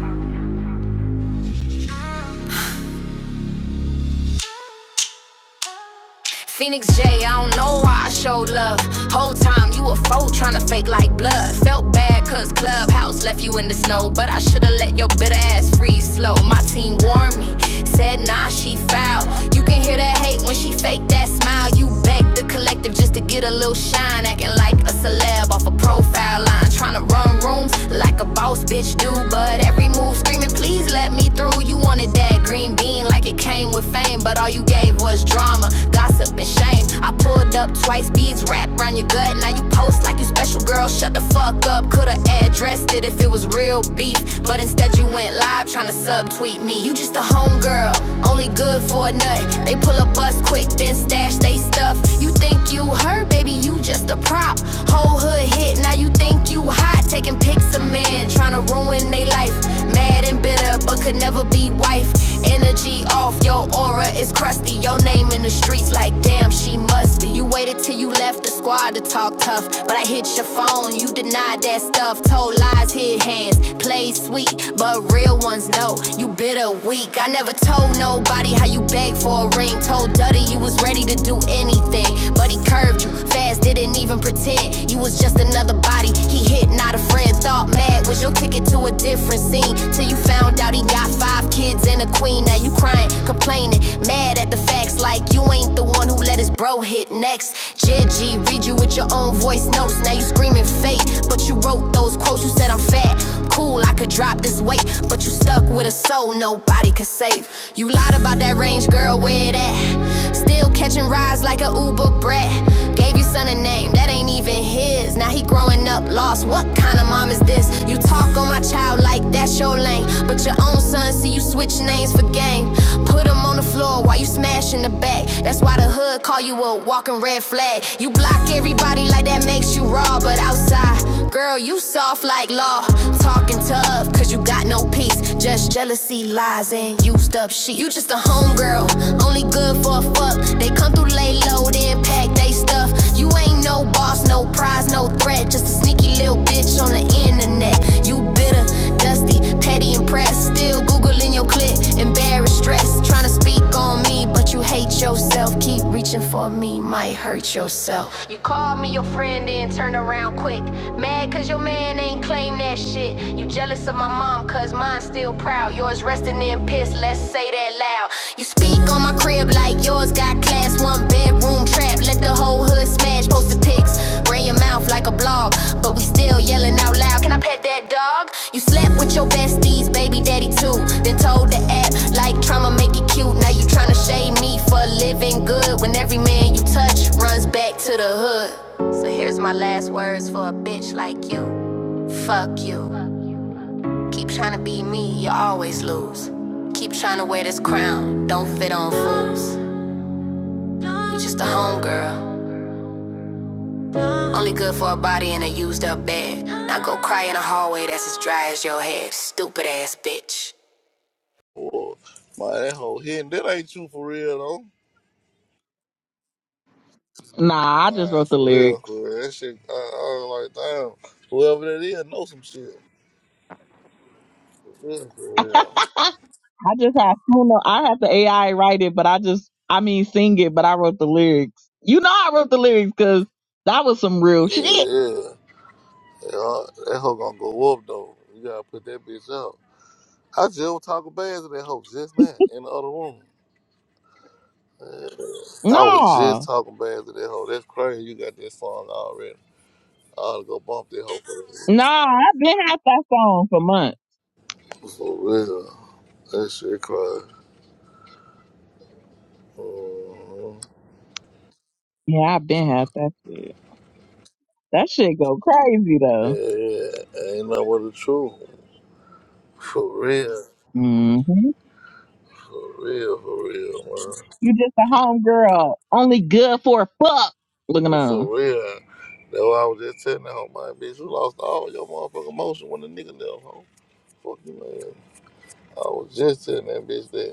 I: Phoenix J, I don't know why I showed love. Whole time you a foe trying to fake like blood. Felt bad cause Clubhouse left you in the snow. But I should've let your bitter ass freeze slow. My team warned me, said nah, she foul. You can hear that hate when she fake that smile. You begged the collective just to get a little shine. Acting like a celeb off a profile line. Tryna run rooms like a boss bitch do. But every move screaming, please let me through. You wanted that green bean like it came with fame. But all you gave was drama, gossip, and shame. I pulled up twice, beads wrapped around your gut. Now you post like you special, girl. Shut the fuck up. Could've addressed it if it was real beef. But instead, you went live tryna subtweet me. You just a homegirl, only good for a nut. They pull up us quick, quick, then stash they stuff. You think you her, baby, you just a prop. Whole hood hit, now you think you hot. Taking pics of men, trying to ruin they life. Mad and bitter, but could never be wife. Energy off, your aura is crusty. Your name in the streets, like damn, she must be. You waited till you left the squad to talk tough. But I hit your phone, you denied that stuff. Told lies, hid hands, play sweet, but real ones know you bitter weak. I never told nobody how you you begged for a ring. Told Duddy you was ready to do anything. But he curved you fast, didn't even pretend. You was just another body. He hit, not a friend. Thought mad was your ticket to a different scene. Till you found out he got five kids and a queen. Now you crying, complaining, mad at the facts. Like you ain't the one who let his bro hit next. JG read you with your own voice notes. Now you screaming fate. But you wrote those quotes, you said I'm fat. Cool, I could drop this weight. But you stuck with a soul nobody could could save. You lied about that range, girl, where it at? Still catching rides like a Uber brat. Gave your son a name that ain't even his. Now he growing up lost. What kind of mom is this? You talk on my child like that's your lane. But your own son see you switch names for game. Put him on the floor while you smashing the back. That's why the hood call you a walking red flag. You block everybody like that makes you raw. But outside, girl, you soft like law. Talking tough, cause you got no peace. It's just jealousy, lies, and used up shit. You just a homegirl, only good for a fuck. They come through lay low, then pack they stuff. You ain't no boss, no prize, no threat. Just a sneaky little bitch on the internet. You bitter, dusty, petty, and pressed. Still Googling your clip, embarrassed, stressed. Trying to speak on me, me, but you hate yourself. Keep reaching for me, might hurt yourself. You call me your friend, then turn around quick. Mad cause your man ain't claim that shit. You jealous of my mom, cause mine's still proud. Yours resting in piss, let's say that loud. You speak on my crib like yours got class, one bedroom trap. Let the whole hood Smash posted pics, ran your mouth like a blog, but we still yelling out loud. Can I pet that dog? You slept with your besties, baby daddy too. Then told the app like trauma make it cute. Now you tryna shade me for living good when every man you touch runs back to the hood. So here's my last words for a bitch like you. Fuck you. Keep tryna be me, you always lose. Keep tryna wear this crown, don't fit on food. You just a homegirl. Only good for a body in a used up bed. Now go cry in a hallway that's as dry as your head. Stupid ass bitch.
B: Oh, my that hoe hitting. That ain't you for real though.
F: Nah, I just
B: Nah,
F: wrote
B: it's
F: the
B: for real,
F: lyrics.
B: for real. That shit. I, I was like, damn. Whoever that is, know some shit. For real, for real.
F: I just had Suno. I have the AI write it, but I just, I mean, sing it, but I wrote the lyrics. You know, I wrote the lyrics because that was some real shit.
B: Yeah, yeah. That hoe gonna go up though. You gotta put that bitch up. I just was talking bad to that hoe just now in the other room. Yeah. I was just
F: No,
B: talking bad to that hoe. That's crazy. You got that song already. I ought to go bump that
F: no,
B: hoe
F: I've been had that song for months.
B: for, real. for real. That shit crazy. Mhm.
F: Yeah, I've been had that shit. That shit go crazy
B: Yeah,
F: though.
B: yeah. ain't nothing but the truth. For real.
F: hmm
B: For real. For real, man.
F: You just a homegirl, only good for a fuck. Looking on.
B: For real. That's why I was just telling that hoe, man, bitch, you lost all your motherfucking motion when the nigga left, hoe. Fuck you, man. I was just telling that bitch that.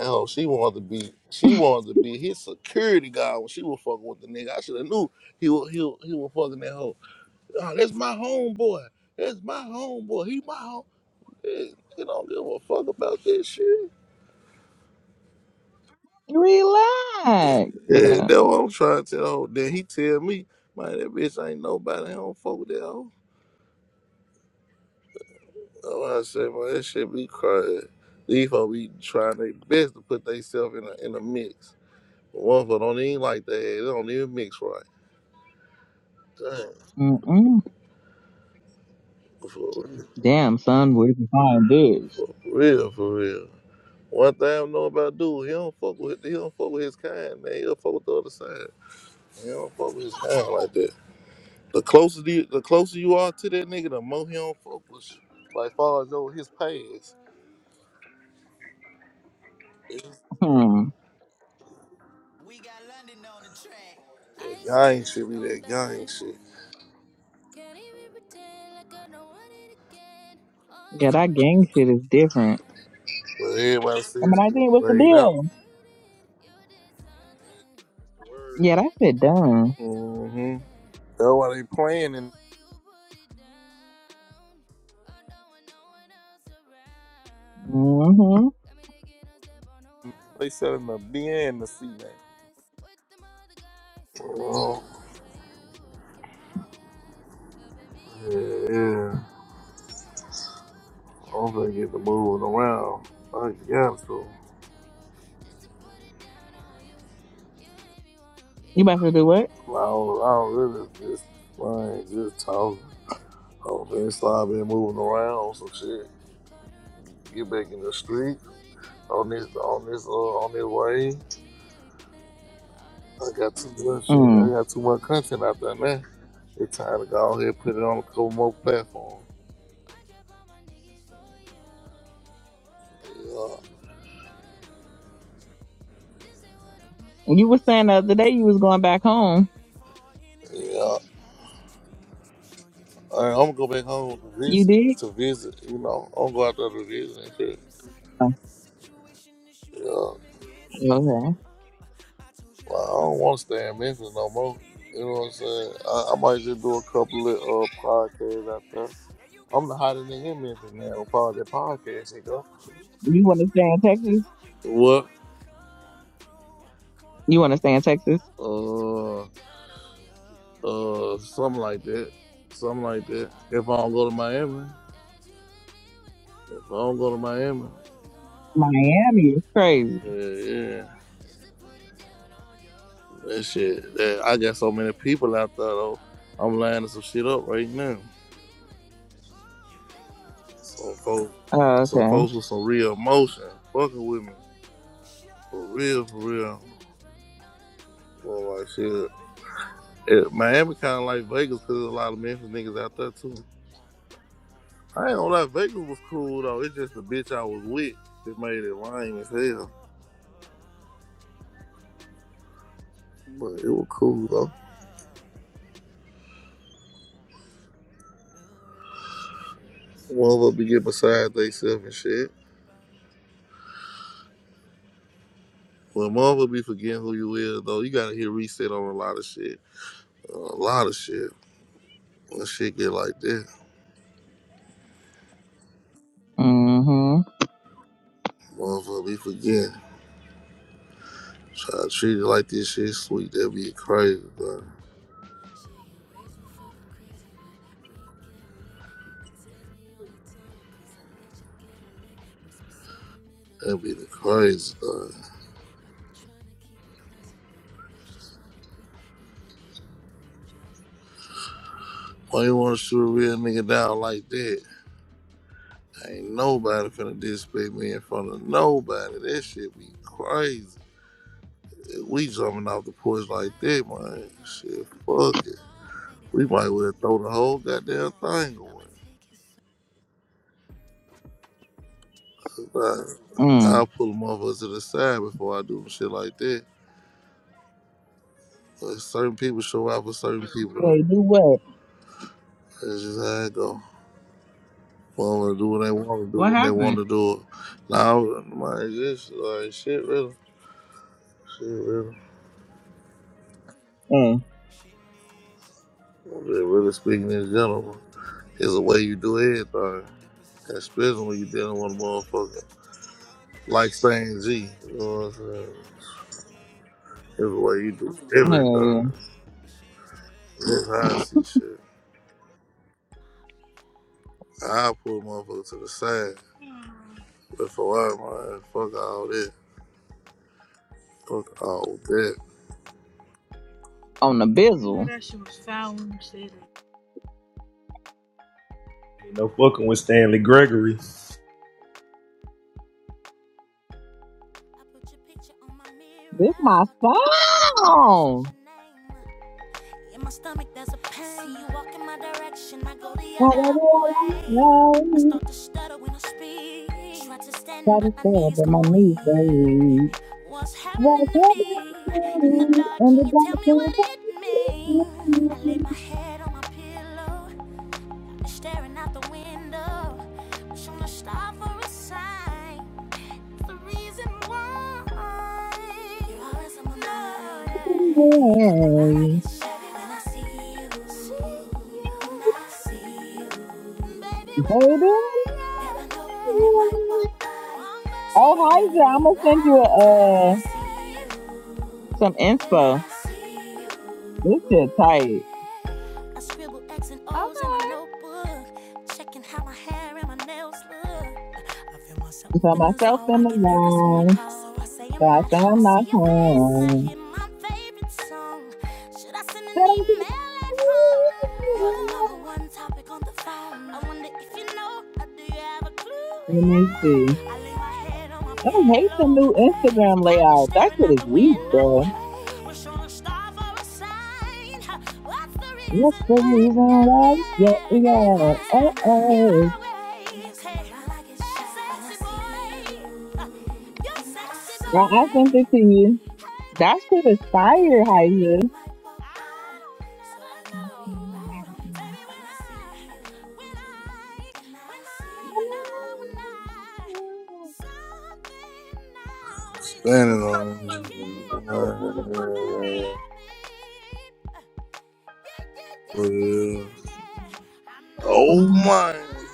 B: Hell, she wanted to be she wanted to be his security guard when she was fucking with the nigga. I should have knew he was he was, he was fucking that hoe. Oh, that's my homeboy. That's my homeboy. He my home. Hey, He don't give a fuck about this shit.
F: Relax. Looking
B: Yeah,
F: on.
B: that's what I'm trying to tell. the Then he tell me, man, that bitch ain't nobody. I don't fuck with that hoe. That's why I say, man, that shit be crazy. These folks be trying their best to put themselves in a in a mix. One of them don't even like that. They don't even mix right.
F: Mm-mm.
B: Damn.
F: Damn, son, where can find this?
B: Real for real. One thing I know about dude, he don't fuck with he don't fuck with his kind, man. He'll fuck with the other side. He don't fuck with his kind like that. The closer the, the closer you are to that nigga, the more he don't fuck with you. Like far as over his past. It's-
F: Hmm.
I: I
B: That gang
I: should've
B: shit be
I: known
B: that gang
I: better.
B: shit.
I: Can't even pretend like I don't want it again. On
F: Yeah,
I: the
F: that
I: brain,
F: gang
I: I'm
F: shit is different.
B: But everybody
I: thinking
F: I
B: says
I: about
F: mean, I
I: the
B: getting
F: think what's the
B: played out.
I: things
F: deal?
I: that we did. You did
J: What's the
I: something.
J: word?
F: Yeah, that shit done.
B: Mm-hmm. That's why they playing and
F: hmm
B: they selling the beer and the C now. Oh, yeah, yeah. I'm gonna get the moving around. I got to.
F: You about to do what?
B: I don't, I don't really just like just talking. I'm finna start moving around some shit. Get back in the street on this on this uh, on this way. I got too much shit. I
F: Mm.
B: got too much content out there now. It's time to go ahead and put it on a couple more platforms. Yeah,
F: You was saying the other day you was going back home.
B: yeah. All right, I'm gonna go back home to
F: You
B: visit.
F: did?
B: To visit, you know, I'm gonna go out there to visit and shit.
F: Oh,
B: Yeah,
F: okay.
B: well, I don't want to stay in Memphis no more. You know what I'm saying? I, I might just do a couple of uh, podcasts out there. I'm the hottest nigga in Memphis now. Part of that podcast, you know.
F: You want to stay in Texas?
B: What?
F: You want to stay in Texas?
B: Uh, uh, something like that. Something like that. If I don't go to Miami, if I don't go to Miami,
F: Miami is crazy.
B: yeah, yeah. That shit. That I got so many people out there though. I'm lining some shit up right now. Some folks,
F: Oh,
B: some
F: okay.
B: folks with some real emotion, fucking with me for real, for real. Well, like shit. It, Miami kind of like Vegas because there's a lot of Memphis niggas out there too. I ain't gonna lie, Vegas was cool though. It's just the bitch I was with that made it lame as hell. But it was cool though. Motherfucker be getting beside themselves and shit. When motherfucker be forgetting who you is though, you gotta hit reset on a lot of shit. A lot of shit. When shit get like that,
F: Mm-hmm.
B: motherfucker be forgetting. Try to treat it like this shit sweet, that be crazy though. That'd be the crazy thing. Why you wanna shoot a real nigga down like that? Ain't nobody finna disrespect me in front of nobody. That shit be crazy. we jumping off the porch like that, man. Shit, fuck it. We might well throw the whole goddamn thing away. I,
F: Mm.
B: I'll pull them over to the side before I do shit like that. But certain people show out for certain people. Though.
F: They do what?
B: That's just how it go. Want to do what they want to do
F: What
B: when they want
F: happened?
B: to do it. Now, man, just like shit, really, shit, really.
F: Hey,
B: I'm just really speaking in general, it's the way you do everything, especially when you dealing with a motherfucker like saying G. You know what I'm saying? It's the way you do
F: hey.
B: everything. That's how I see shit. I pull a motherfucker to the side. But for what, man? Fuck all that. Fuck all that.
F: On the
B: You knew
F: bizzle.
B: that shit was foul when you said it.
J: Ain't no fucking with Stanley Gregory.
F: This my song. Gotta stand on my knees, baby. Gotta stand on my knees, and the dark things Baby, Oh, Heiser, I'm gonna send you uh some inspo. This shit tight.
A: Okay.
F: So myself in the wrong, so I say I'm not home. Said I'm getting- Let me see. I don't hate the new Instagram layout. That shit is weak, bro. That's the reason why. Yeah, yeah. Hey, hey. I, I sent it to you. That shit is fire,
B: Standing on this shit. What it is.
F: Heiser.
B: Oh, man.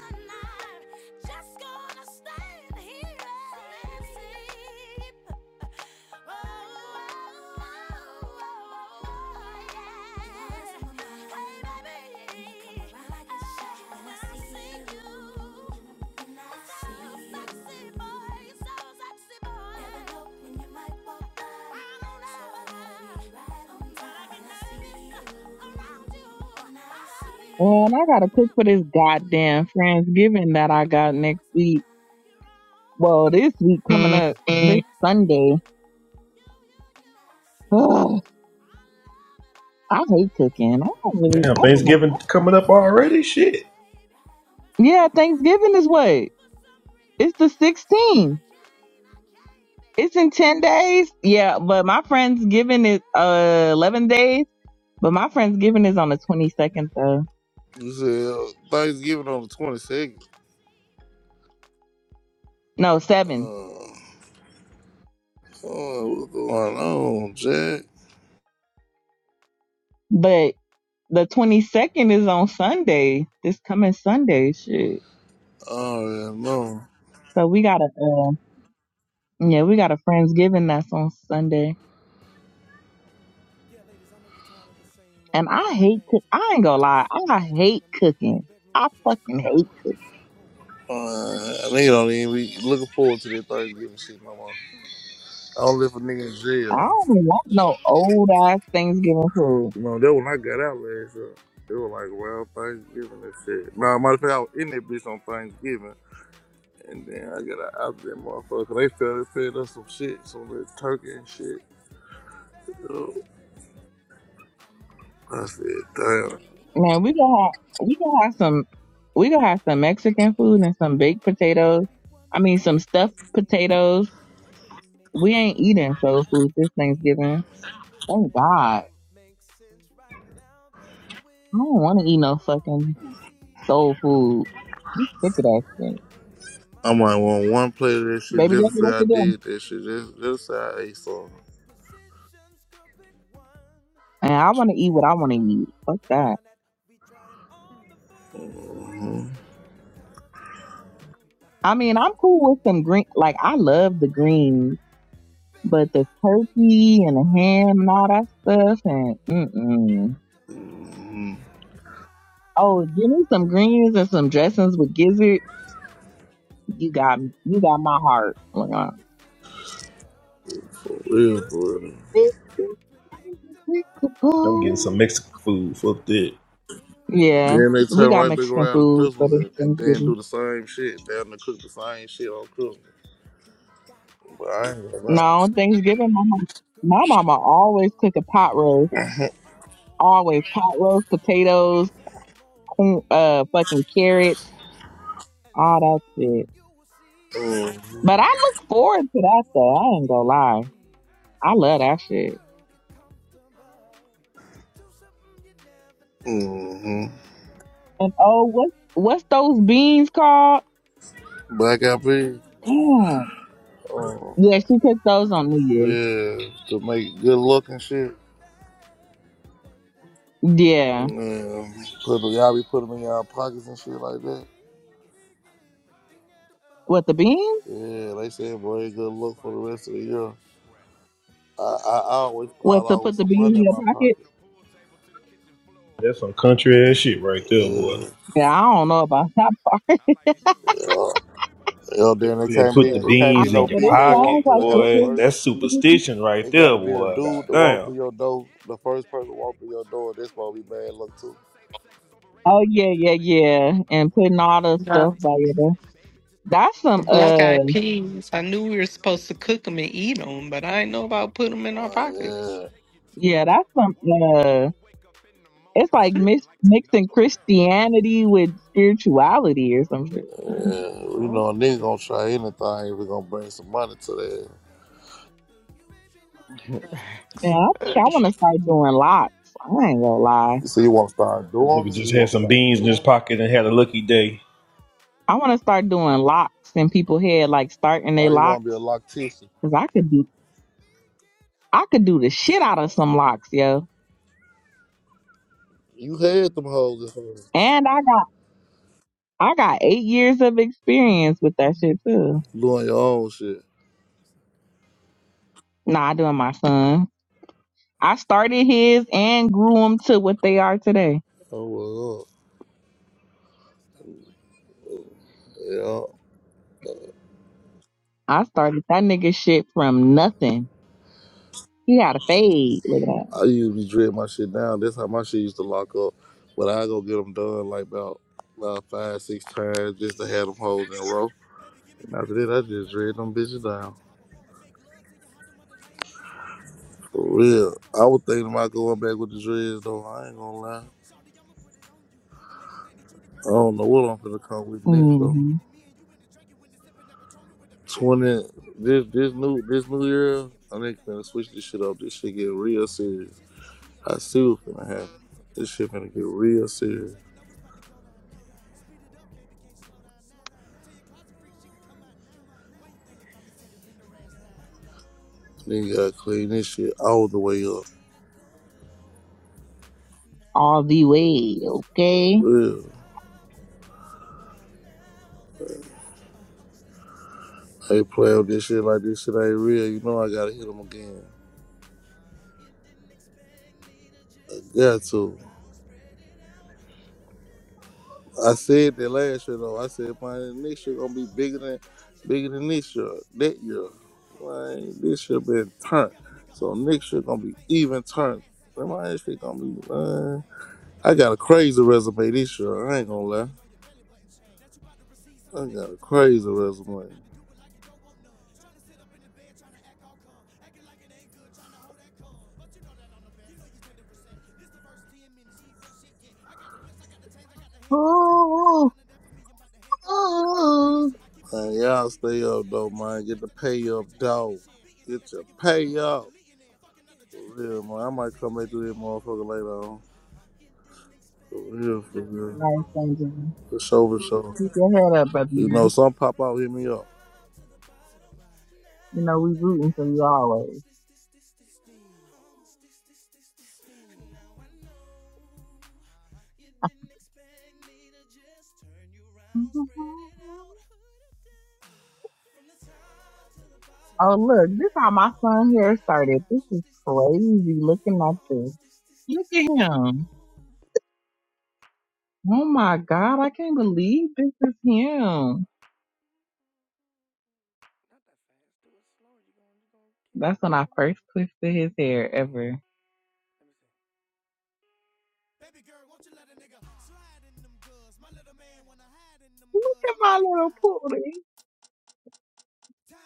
F: Man, I gotta cook for this goddamn Thanksgiving that I got next week. Well, this week coming up this Sunday. Ugh, I hate cooking. I don't really.
J: Damn,
F: I don't,
J: Thanksgiving coming up already. Shit,
F: yeah, Thanksgiving is what? It's the 16th. It's in 10 days. Yeah, but my friend's is uh 11 days. But my friend's is on the 22nd though.
B: You said uh, Thanksgiving on the 22nd.
F: No, 7th.
B: Uh, oh, what's going on, Jack?
F: But the 22nd is on Sunday. This coming Sunday, shit.
B: Oh, yeah, no.
F: So we gotta. uh, Yeah, we got a Friendsgiving that's on Sunday. And I hate cook I ain't gonna lie, I hate cooking. I fucking hate cooking.
B: Uh, and they don't even be looking forward to that Thanksgiving shit no more. I don't live for nigga in
F: I
B: jail.
F: don't want no old ass Thanksgiving food.
B: You know, that when I got out last year. It was like around Thanksgiving and shit. Nah, matter of fact, I was in that bitch on Thanksgiving. And then I got out of that motherfucker. They fed, they fed us some shit, some little turkey and shit. Yo, I said, damn.
F: Man, we gonna have we gonna have some we gonna have some Mexican food and some baked potatoes. I mean some stuffed potatoes. We ain't eating soul food this Thanksgiving. Thank God. I don't wanna eat no fucking soul food. I'm sick of that shit.
B: I might want one plate of that shit
F: Baby
B: just
F: Jackie,
B: to say
F: what's
B: I
F: it doing?
B: did that shit. Just, just to say I ate some.
F: And I want to eat what I want to eat. Fuck that.
B: hmm
F: I mean, I'm cool with some green. Like, I love the greens, but the turkey and the ham and all that stuff. And mm-mm.
B: hmm
F: oh, give me some greens and some dressings with gizzard. You got me. You got my heart. Like, uh,
B: For real, for real.
F: this is
J: I'm
F: unpredictable.
J: getting some Mexican food. Fuck that.
F: Yeah,
B: Then they
F: we
B: turn
F: got
B: right back
F: Mexican
B: around to
F: food for
B: Christmas
F: this
B: and, and then do
F: Thanksgiving.
B: the same shit. They Down to cook the same shit on Christmas. But I ain't gonna lie.
F: No, Thanksgiving, my mama, my mama always cook a pot roast. Always pot roast, potatoes, Mm, uh fucking carrots, all that shit. But I
B: Mm-hmm.
F: look forward to that though. I ain't gonna lie. I love that shit.
B: Mm-hmm.
F: And oh, what what's those beans called?
B: Black eyed peas.
F: Damn.
B: Oh,
F: Yeah, she cooked those on New Year's.
B: yeah. To make it good look and shit.
F: Yeah.
B: Yeah. Put the, y'all be putting them in y'all pockets and shit like that.
F: What the beans?
B: Yeah, they say bring good luck for the rest of the year. I, I, I always fall
F: What to
B: out with
F: put the
B: some
F: beans
B: money
F: in
B: in
F: your
B: my
F: pocket?
B: pocket.
J: That's some country ass shit right there, boy.
B: Yeah,
F: Yeah, I don't know about that part.
B: yeah, yeah.
J: You
B: Then it
J: said
B: can't
J: put
B: be
J: the
B: it can't
F: I
B: be
J: beans
B: no
J: in
F: mean,
J: your
F: but it
B: female walk
F: sounds
J: pocket,
B: through
F: like
B: the house
J: boy.
B: first.
J: That's
F: this is.
J: superstition right
B: It
J: there,
B: gotta be a
J: boy. God
B: dude to walk
J: damn.
B: through your door. The first person to walk through your door, that's supposed to be bad luck too.
F: Oh yeah, yeah, yeah. And putting all the stuff
D: No.
F: by there. That's
D: The
F: some uh,
D: black eyed peas. I knew we were supposed to cook them and eat them, but I didn't know about putting them in our
B: Well, yeah.
D: pockets.
F: yeah, that's some uh, It's like mix, mixing Christianity with spirituality or some shit.
B: Uh, you
D: Oh.
B: know, a nigga gonna try anything if we gonna bring some money to that.
F: Yeah,
D: Facts.
F: I think I want to start doing locks. I ain't gonna lie.
B: So you wanna start doing
J: Motherfucker
B: them?
J: just had some beans in his pocket and had a lucky day.
F: I want to start doing locks in people's head, like starting their
B: Or you
F: locks,
B: wanna be a loctician?
F: cause I could do, I could do the shit out of some locks, yo.
B: You had them hoes at home.
F: And I got, I got eight years of experience with that shit too.
B: Doing your own shit.
F: Nah, doing my son. I started his and grew him to what they are today.
B: Oh well, up. Yeah.
F: I started that nigga shit from nothing. He got a fade. Look at that.
B: I used to dread my shit down. That's how my shit used to lock up. But I go get them done like about, about five, six times just to have them hoes in a row. And after that, I just dread them bitches down. For real. I was thinking about going back with the dreads though. I ain't gonna lie. I don't know what I'm finna come with next though.
F: hmm
B: Twenty this this new this new year, I think we gonna switch this shit up. This shit get real serious. I see what's gonna happen. This shit gonna get real serious. Then you gotta clean this shit all the way up.
F: All the way, okay?
B: Real. I ain't play with this shit like this shit ain't real. You know I gotta hit them again. Got to. I said that last year though. I said man, next year gonna be bigger than bigger than this year. That year. Man, this year been turned. So next year gonna be even turned. Man, this shit gonna be man. I got a crazy resume this year. I ain't gonna lie. I got a crazy resume.
F: Ooh, ooh, ooh.
B: Man, y'all stay up though, man. Get the pay up, dog. Get your pay up. For real, man. I might come back to this motherfucker later on. For real, for real.
F: Nice, Angela.
B: For sure, for sure.
F: Keep your head up, brother
B: You know,
F: man.
B: some pop out hit me up.
F: You know, we rooting for you always. Oh, look, this how my son hair started. This is crazy looking at this. Look at him. Oh my God, I can't believe this is him. That's when I first twisted his hair ever. Look at my little pooty.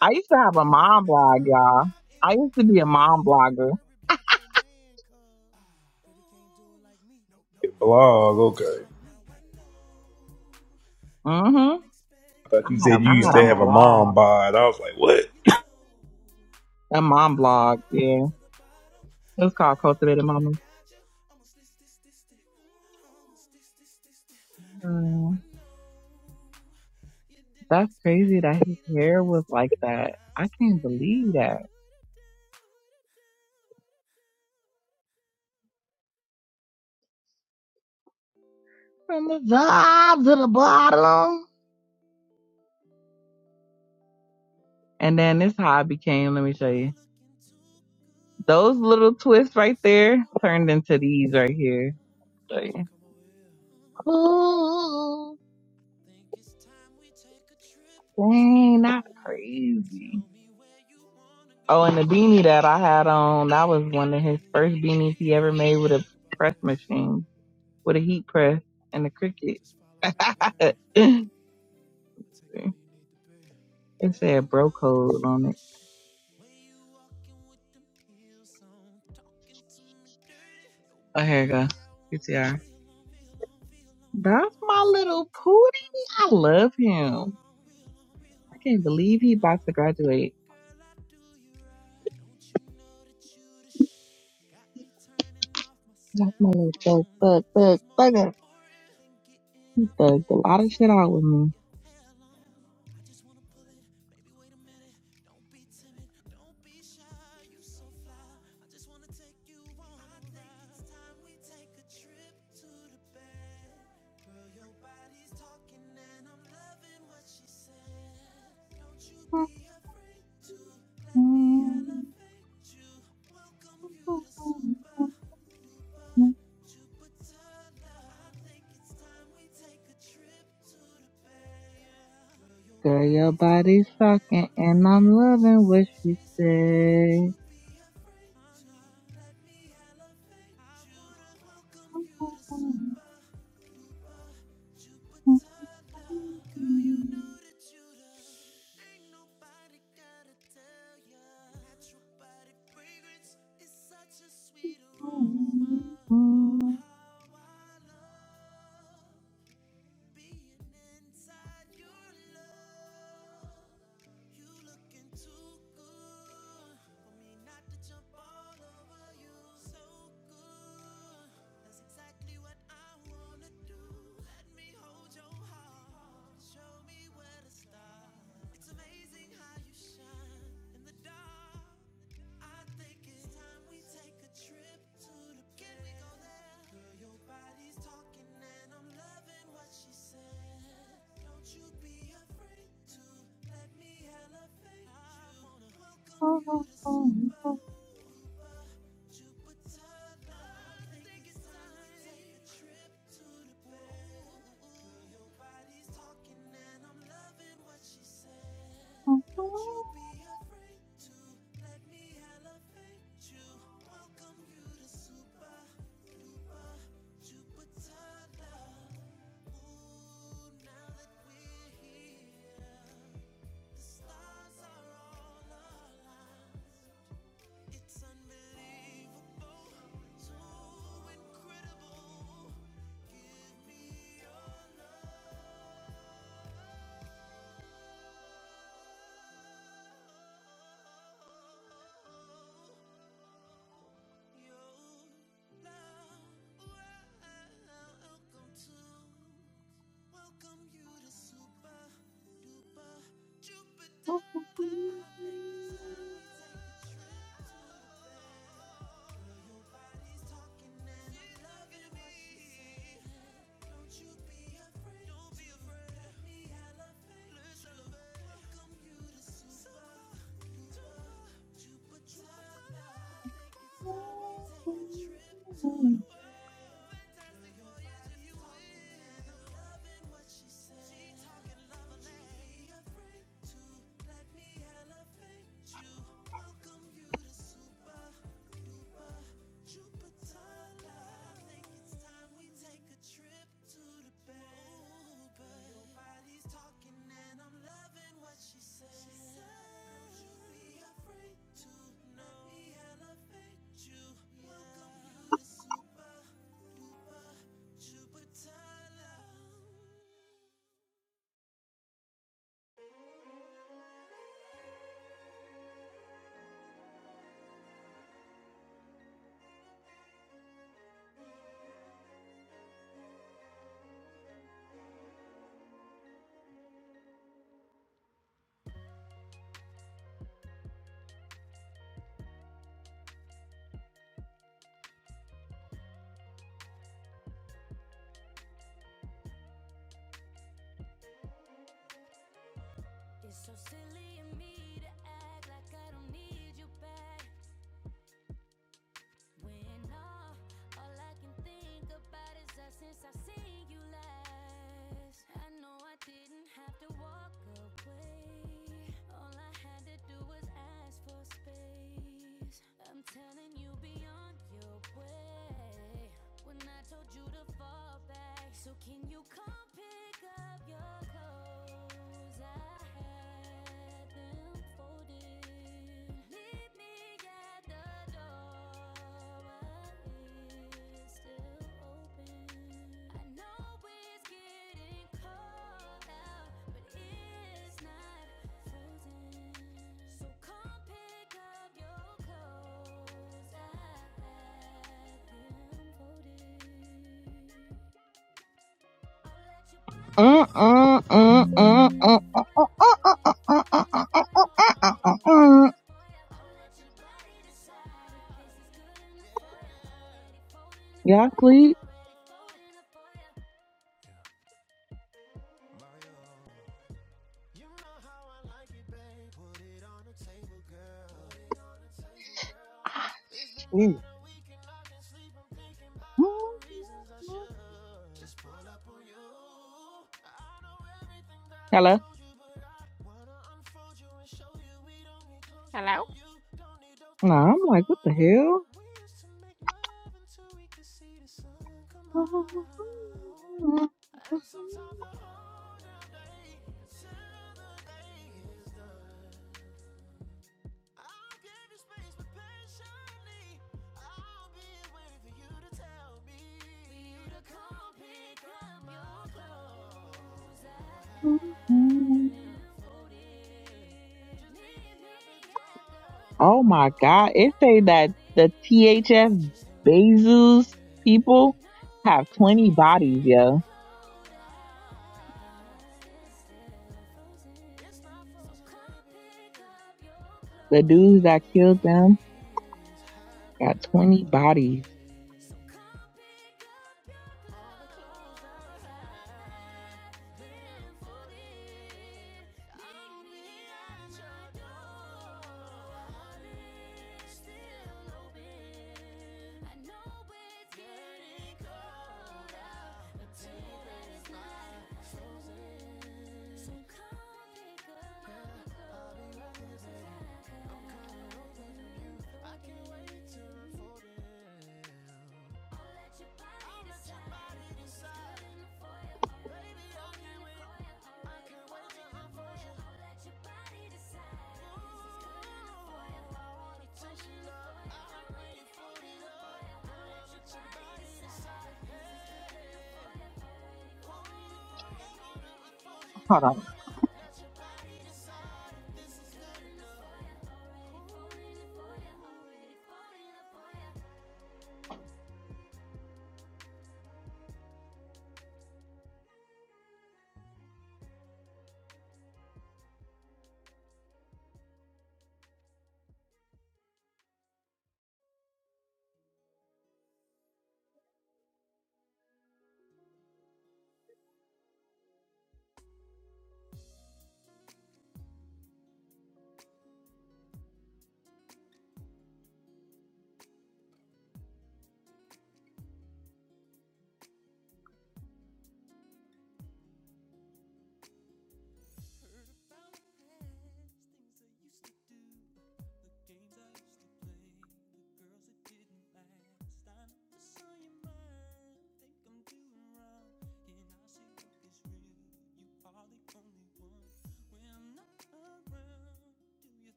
F: I used to have a mom blog, y'all. I used to be a mom blogger.
J: Blog, okay.
F: Mm-hmm.
J: I thought you said you
F: I
J: used
F: had a
J: to have a mom
F: blog,
J: bod. I was like, what?
F: a mom blog. Yeah, it was called Cultivated Mama. Mm, that's crazy that his hair was like that. I can't believe that. From the top to the bottom. And then this how I became. Let me show you. Those little twists right there turned into these right here. Show you. Ooh. Dang, that's crazy. Oh, and the beanie that I had on, that was one of his first beanies he ever made with a press machine, with a heat press and a cricket. it said bro code on it. Oh, here you go. PTR. That's my little pootie. I love him. I can't believe he about to graduate. That's my little thug, thug, thug, thugger. He thugged a lot of shit out with me. Girl, your body's talking, and I'm loving what she said. Uh, uh, uh, uh, uh, uh, uh, uh, uh, uh, uh, uh. Y'all sleep? Ah, shit. Hello?
A: Hello?
F: Nah, I'm like, what the hell? Mm-hmm. Oh my God. It say that the THF Bezos people have 20 bodies, yo. The dudes that killed them got 20 bodies. Hold on.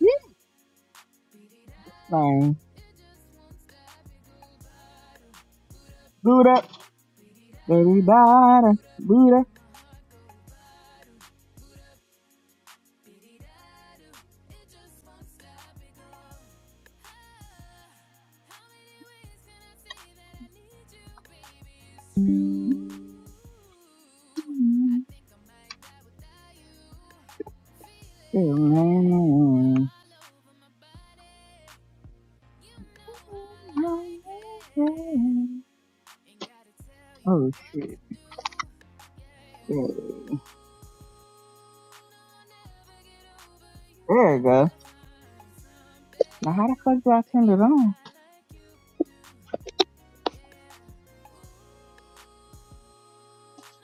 F: This thing. Buddha, everybody, Buddha. Oh shit. Yeah. There you go. Now how the fuck do I turn it on?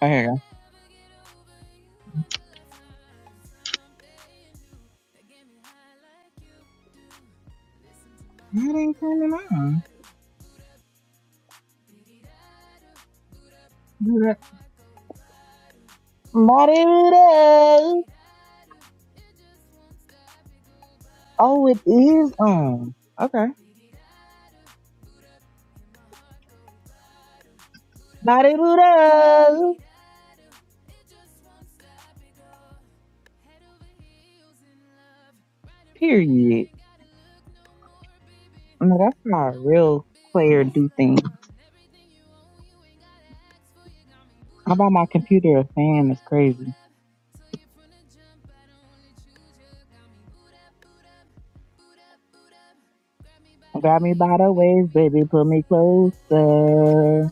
F: Oh, here It ain't turning on. Do that. Ba-di-doo-dah. Oh, it is on. Okay. Ba-di-doo-dah. Period. No, that's not a real player do thing. I bought my computer a fan. That's crazy. Grab me by the waist, baby, pull me closer.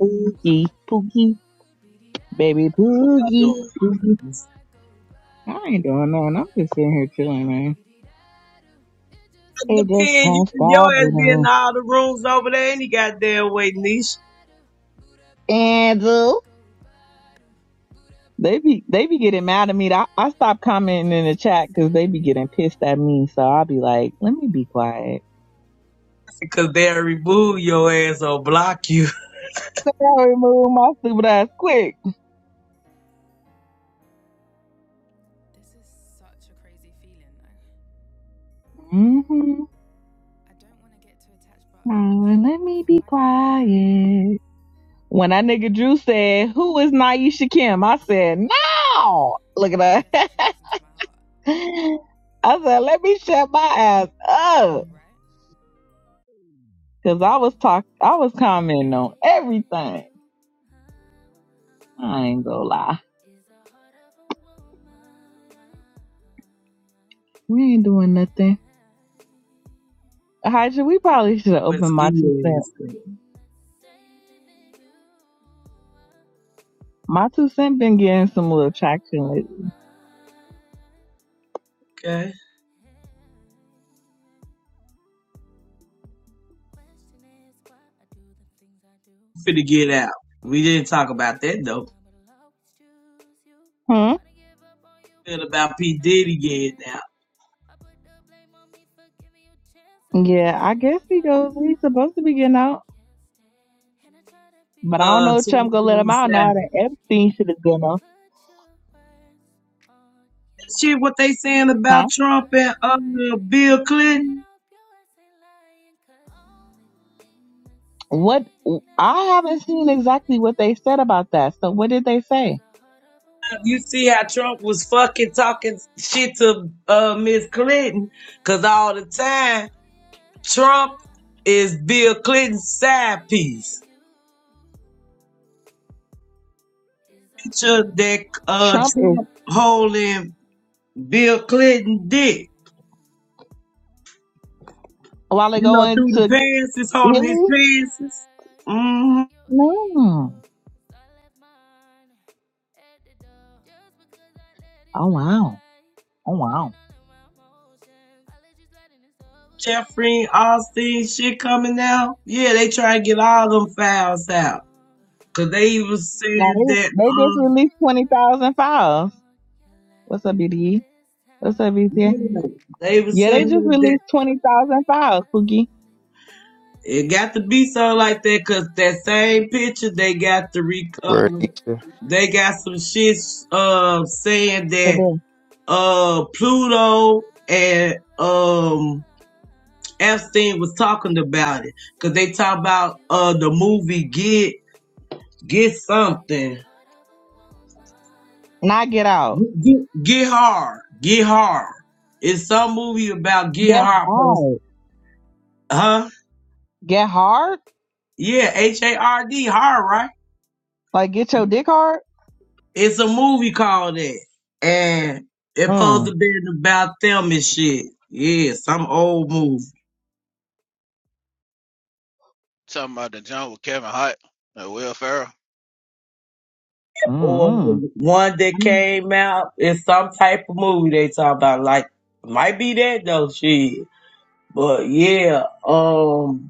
F: Pookie, pookie, baby,
K: y'all
F: pookie,
K: doing?
F: pookie. I ain't doing nothing. I'm just sitting here chilling, man. It just
K: Depend, you
F: won't
K: can
F: stop,
K: your ass
F: you
K: be in
F: know.
K: all the rooms over there any goddamn way, niche.
F: Angel. They be they be getting mad at me. I, I stop commenting in the chat because they be getting pissed at me. So I'll be like, let me be quiet.
K: Cause they'll remove your ass or block you
F: So I remove my stupid ass quick. Mm-hmm. let me be quiet. When that nigga Drew said, "Who is Naisha Kim?" I said, "No." Look at that. I said, "Let me shut my ass up," because I was talk, I was commenting on everything. I ain't gonna lie, we ain't doing nothing. Hydra, we probably should have
K: with
F: opened
K: ski
F: my two cent.
K: ass. thing,
F: My two cent been getting some little traction lately.
K: Okay? Finna get out. We didn't talk about that though.
F: Hmm.
K: Feel about P. Diddy getting out.
F: Yeah, I guess he goes. He's supposed to be getting out, but I don't
K: Uh,
F: know if
K: twenty
F: Trump gonna let him out now
K: twenty-seven.
F: that Epstein should have gone off.
K: Shit, what they saying about
F: Huh?
K: Trump and uh, Bill Clinton?
F: What? I haven't seen exactly what they said about that. So what did they say?
K: You see how Trump was fucking talking shit to uh, Miss Clinton? Cause all the time Trump is Bill Clinton's side piece. Picture that uh,
F: Trump is
K: Trump holding Bill Clinton dick.
F: while they
K: You know, through
F: going
K: the
F: to
K: pants, is holding his
F: Hillary.
K: pants. hmm
F: No. Oh wow. Oh wow.
K: Jeffrey Austin shit coming out. Yeah, they try to get all them files out. Cause they even
F: Now
K: said that,
F: they they just
K: um,
F: released twenty thousand files. What's up, BDE? What's up, BCA?
K: yeah, they were
F: Yeah, they just
K: saying that
F: released 20,000 files, Pookie.
K: it got to be so like that. Cause that same picture they got to re,
L: Word,
K: uh,
L: Isha.
K: they got some shits uh saying
F: They
K: that
F: did.
K: uh Pluto and um Epstein was talking about it because they talk about uh the movie Get Get Something
F: Now get out.
K: Get, Get Hard Get Hard. It's some movie about Get
F: Get
K: Hard,
F: hard.
K: huh?
F: Get hard?
K: Yeah, H A R D Hard, right?
F: Like, get your dick hard?
K: It's a movie called that, and it supposed
F: Mm.
K: to be about them and shit. Yeah, some old movie.
M: Talking about the joint with Kevin Hart and Will Ferrell.
K: or
F: Mm-mm.
K: the one that
F: I mean,
K: came out in some type of movie they talk about. Like might be that though, shit. But yeah, um,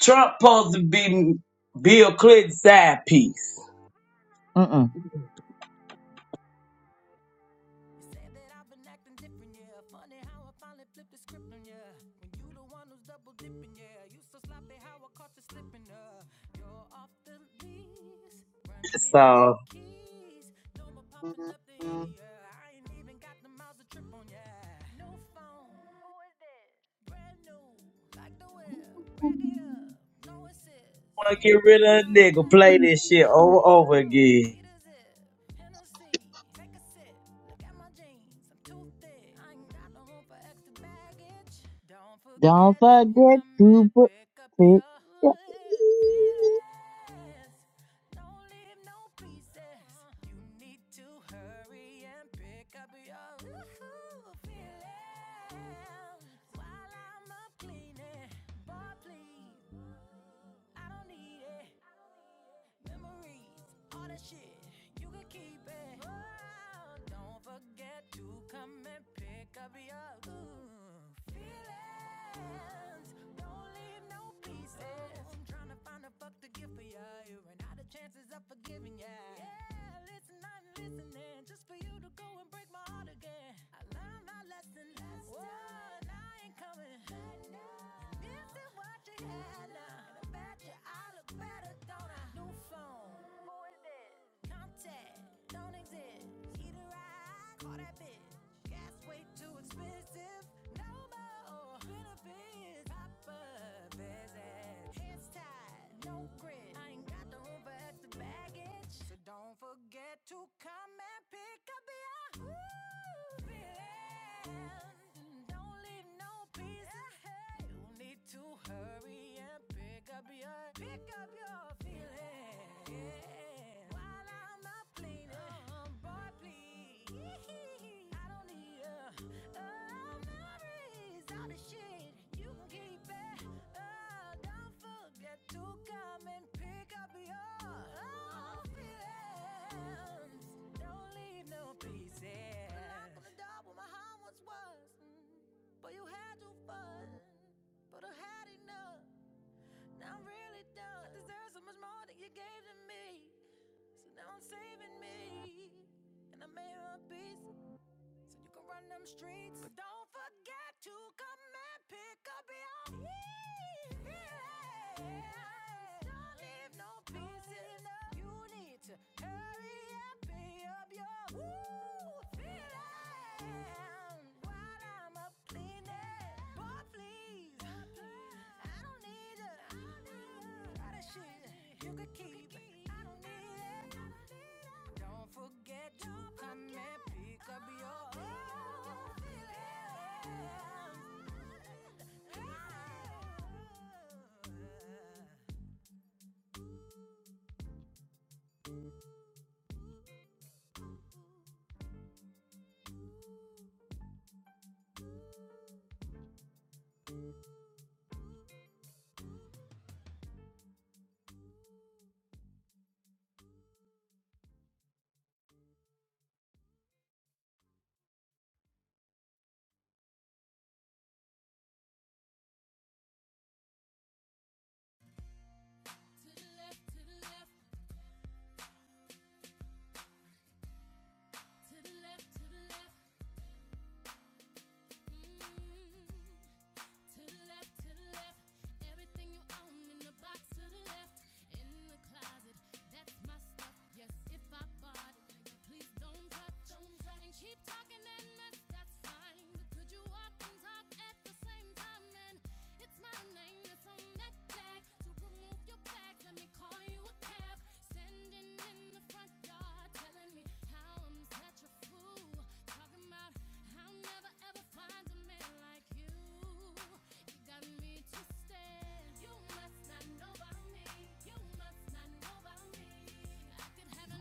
K: Trump supposed to be Bill Clinton's side piece.
F: Mm-mm.
I: you so sloppy, how I caught you slipping. up. you're off the lease. Run me
K: So
I: my
K: wanna
I: keys. No more popping up the idiot. I ain't even got the miles to trip on. ya. no phone. Who is this? Brand new, like the whip. Rack it up, no assist. May
K: get rid
I: bitch,
K: of a
I: I ain't
K: nigga, play this shit
I: average.
K: over and
I: Wake
K: over
I: up,
K: again.
I: need a zip. Hennessy, take a sip. Look at my jeans, I'm too thick. I ain't got no room for extra baggage.
F: Don't forget to put it. Yeah.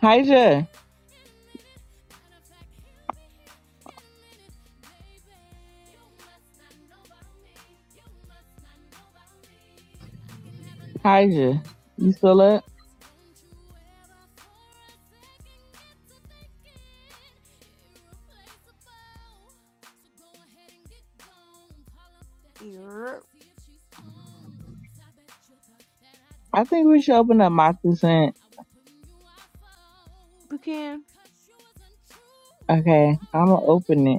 F: Hija. Hija. You still up?
A: Yeah.
F: I think we should open up my two cent.
A: You
F: Okay, I'm going to open it.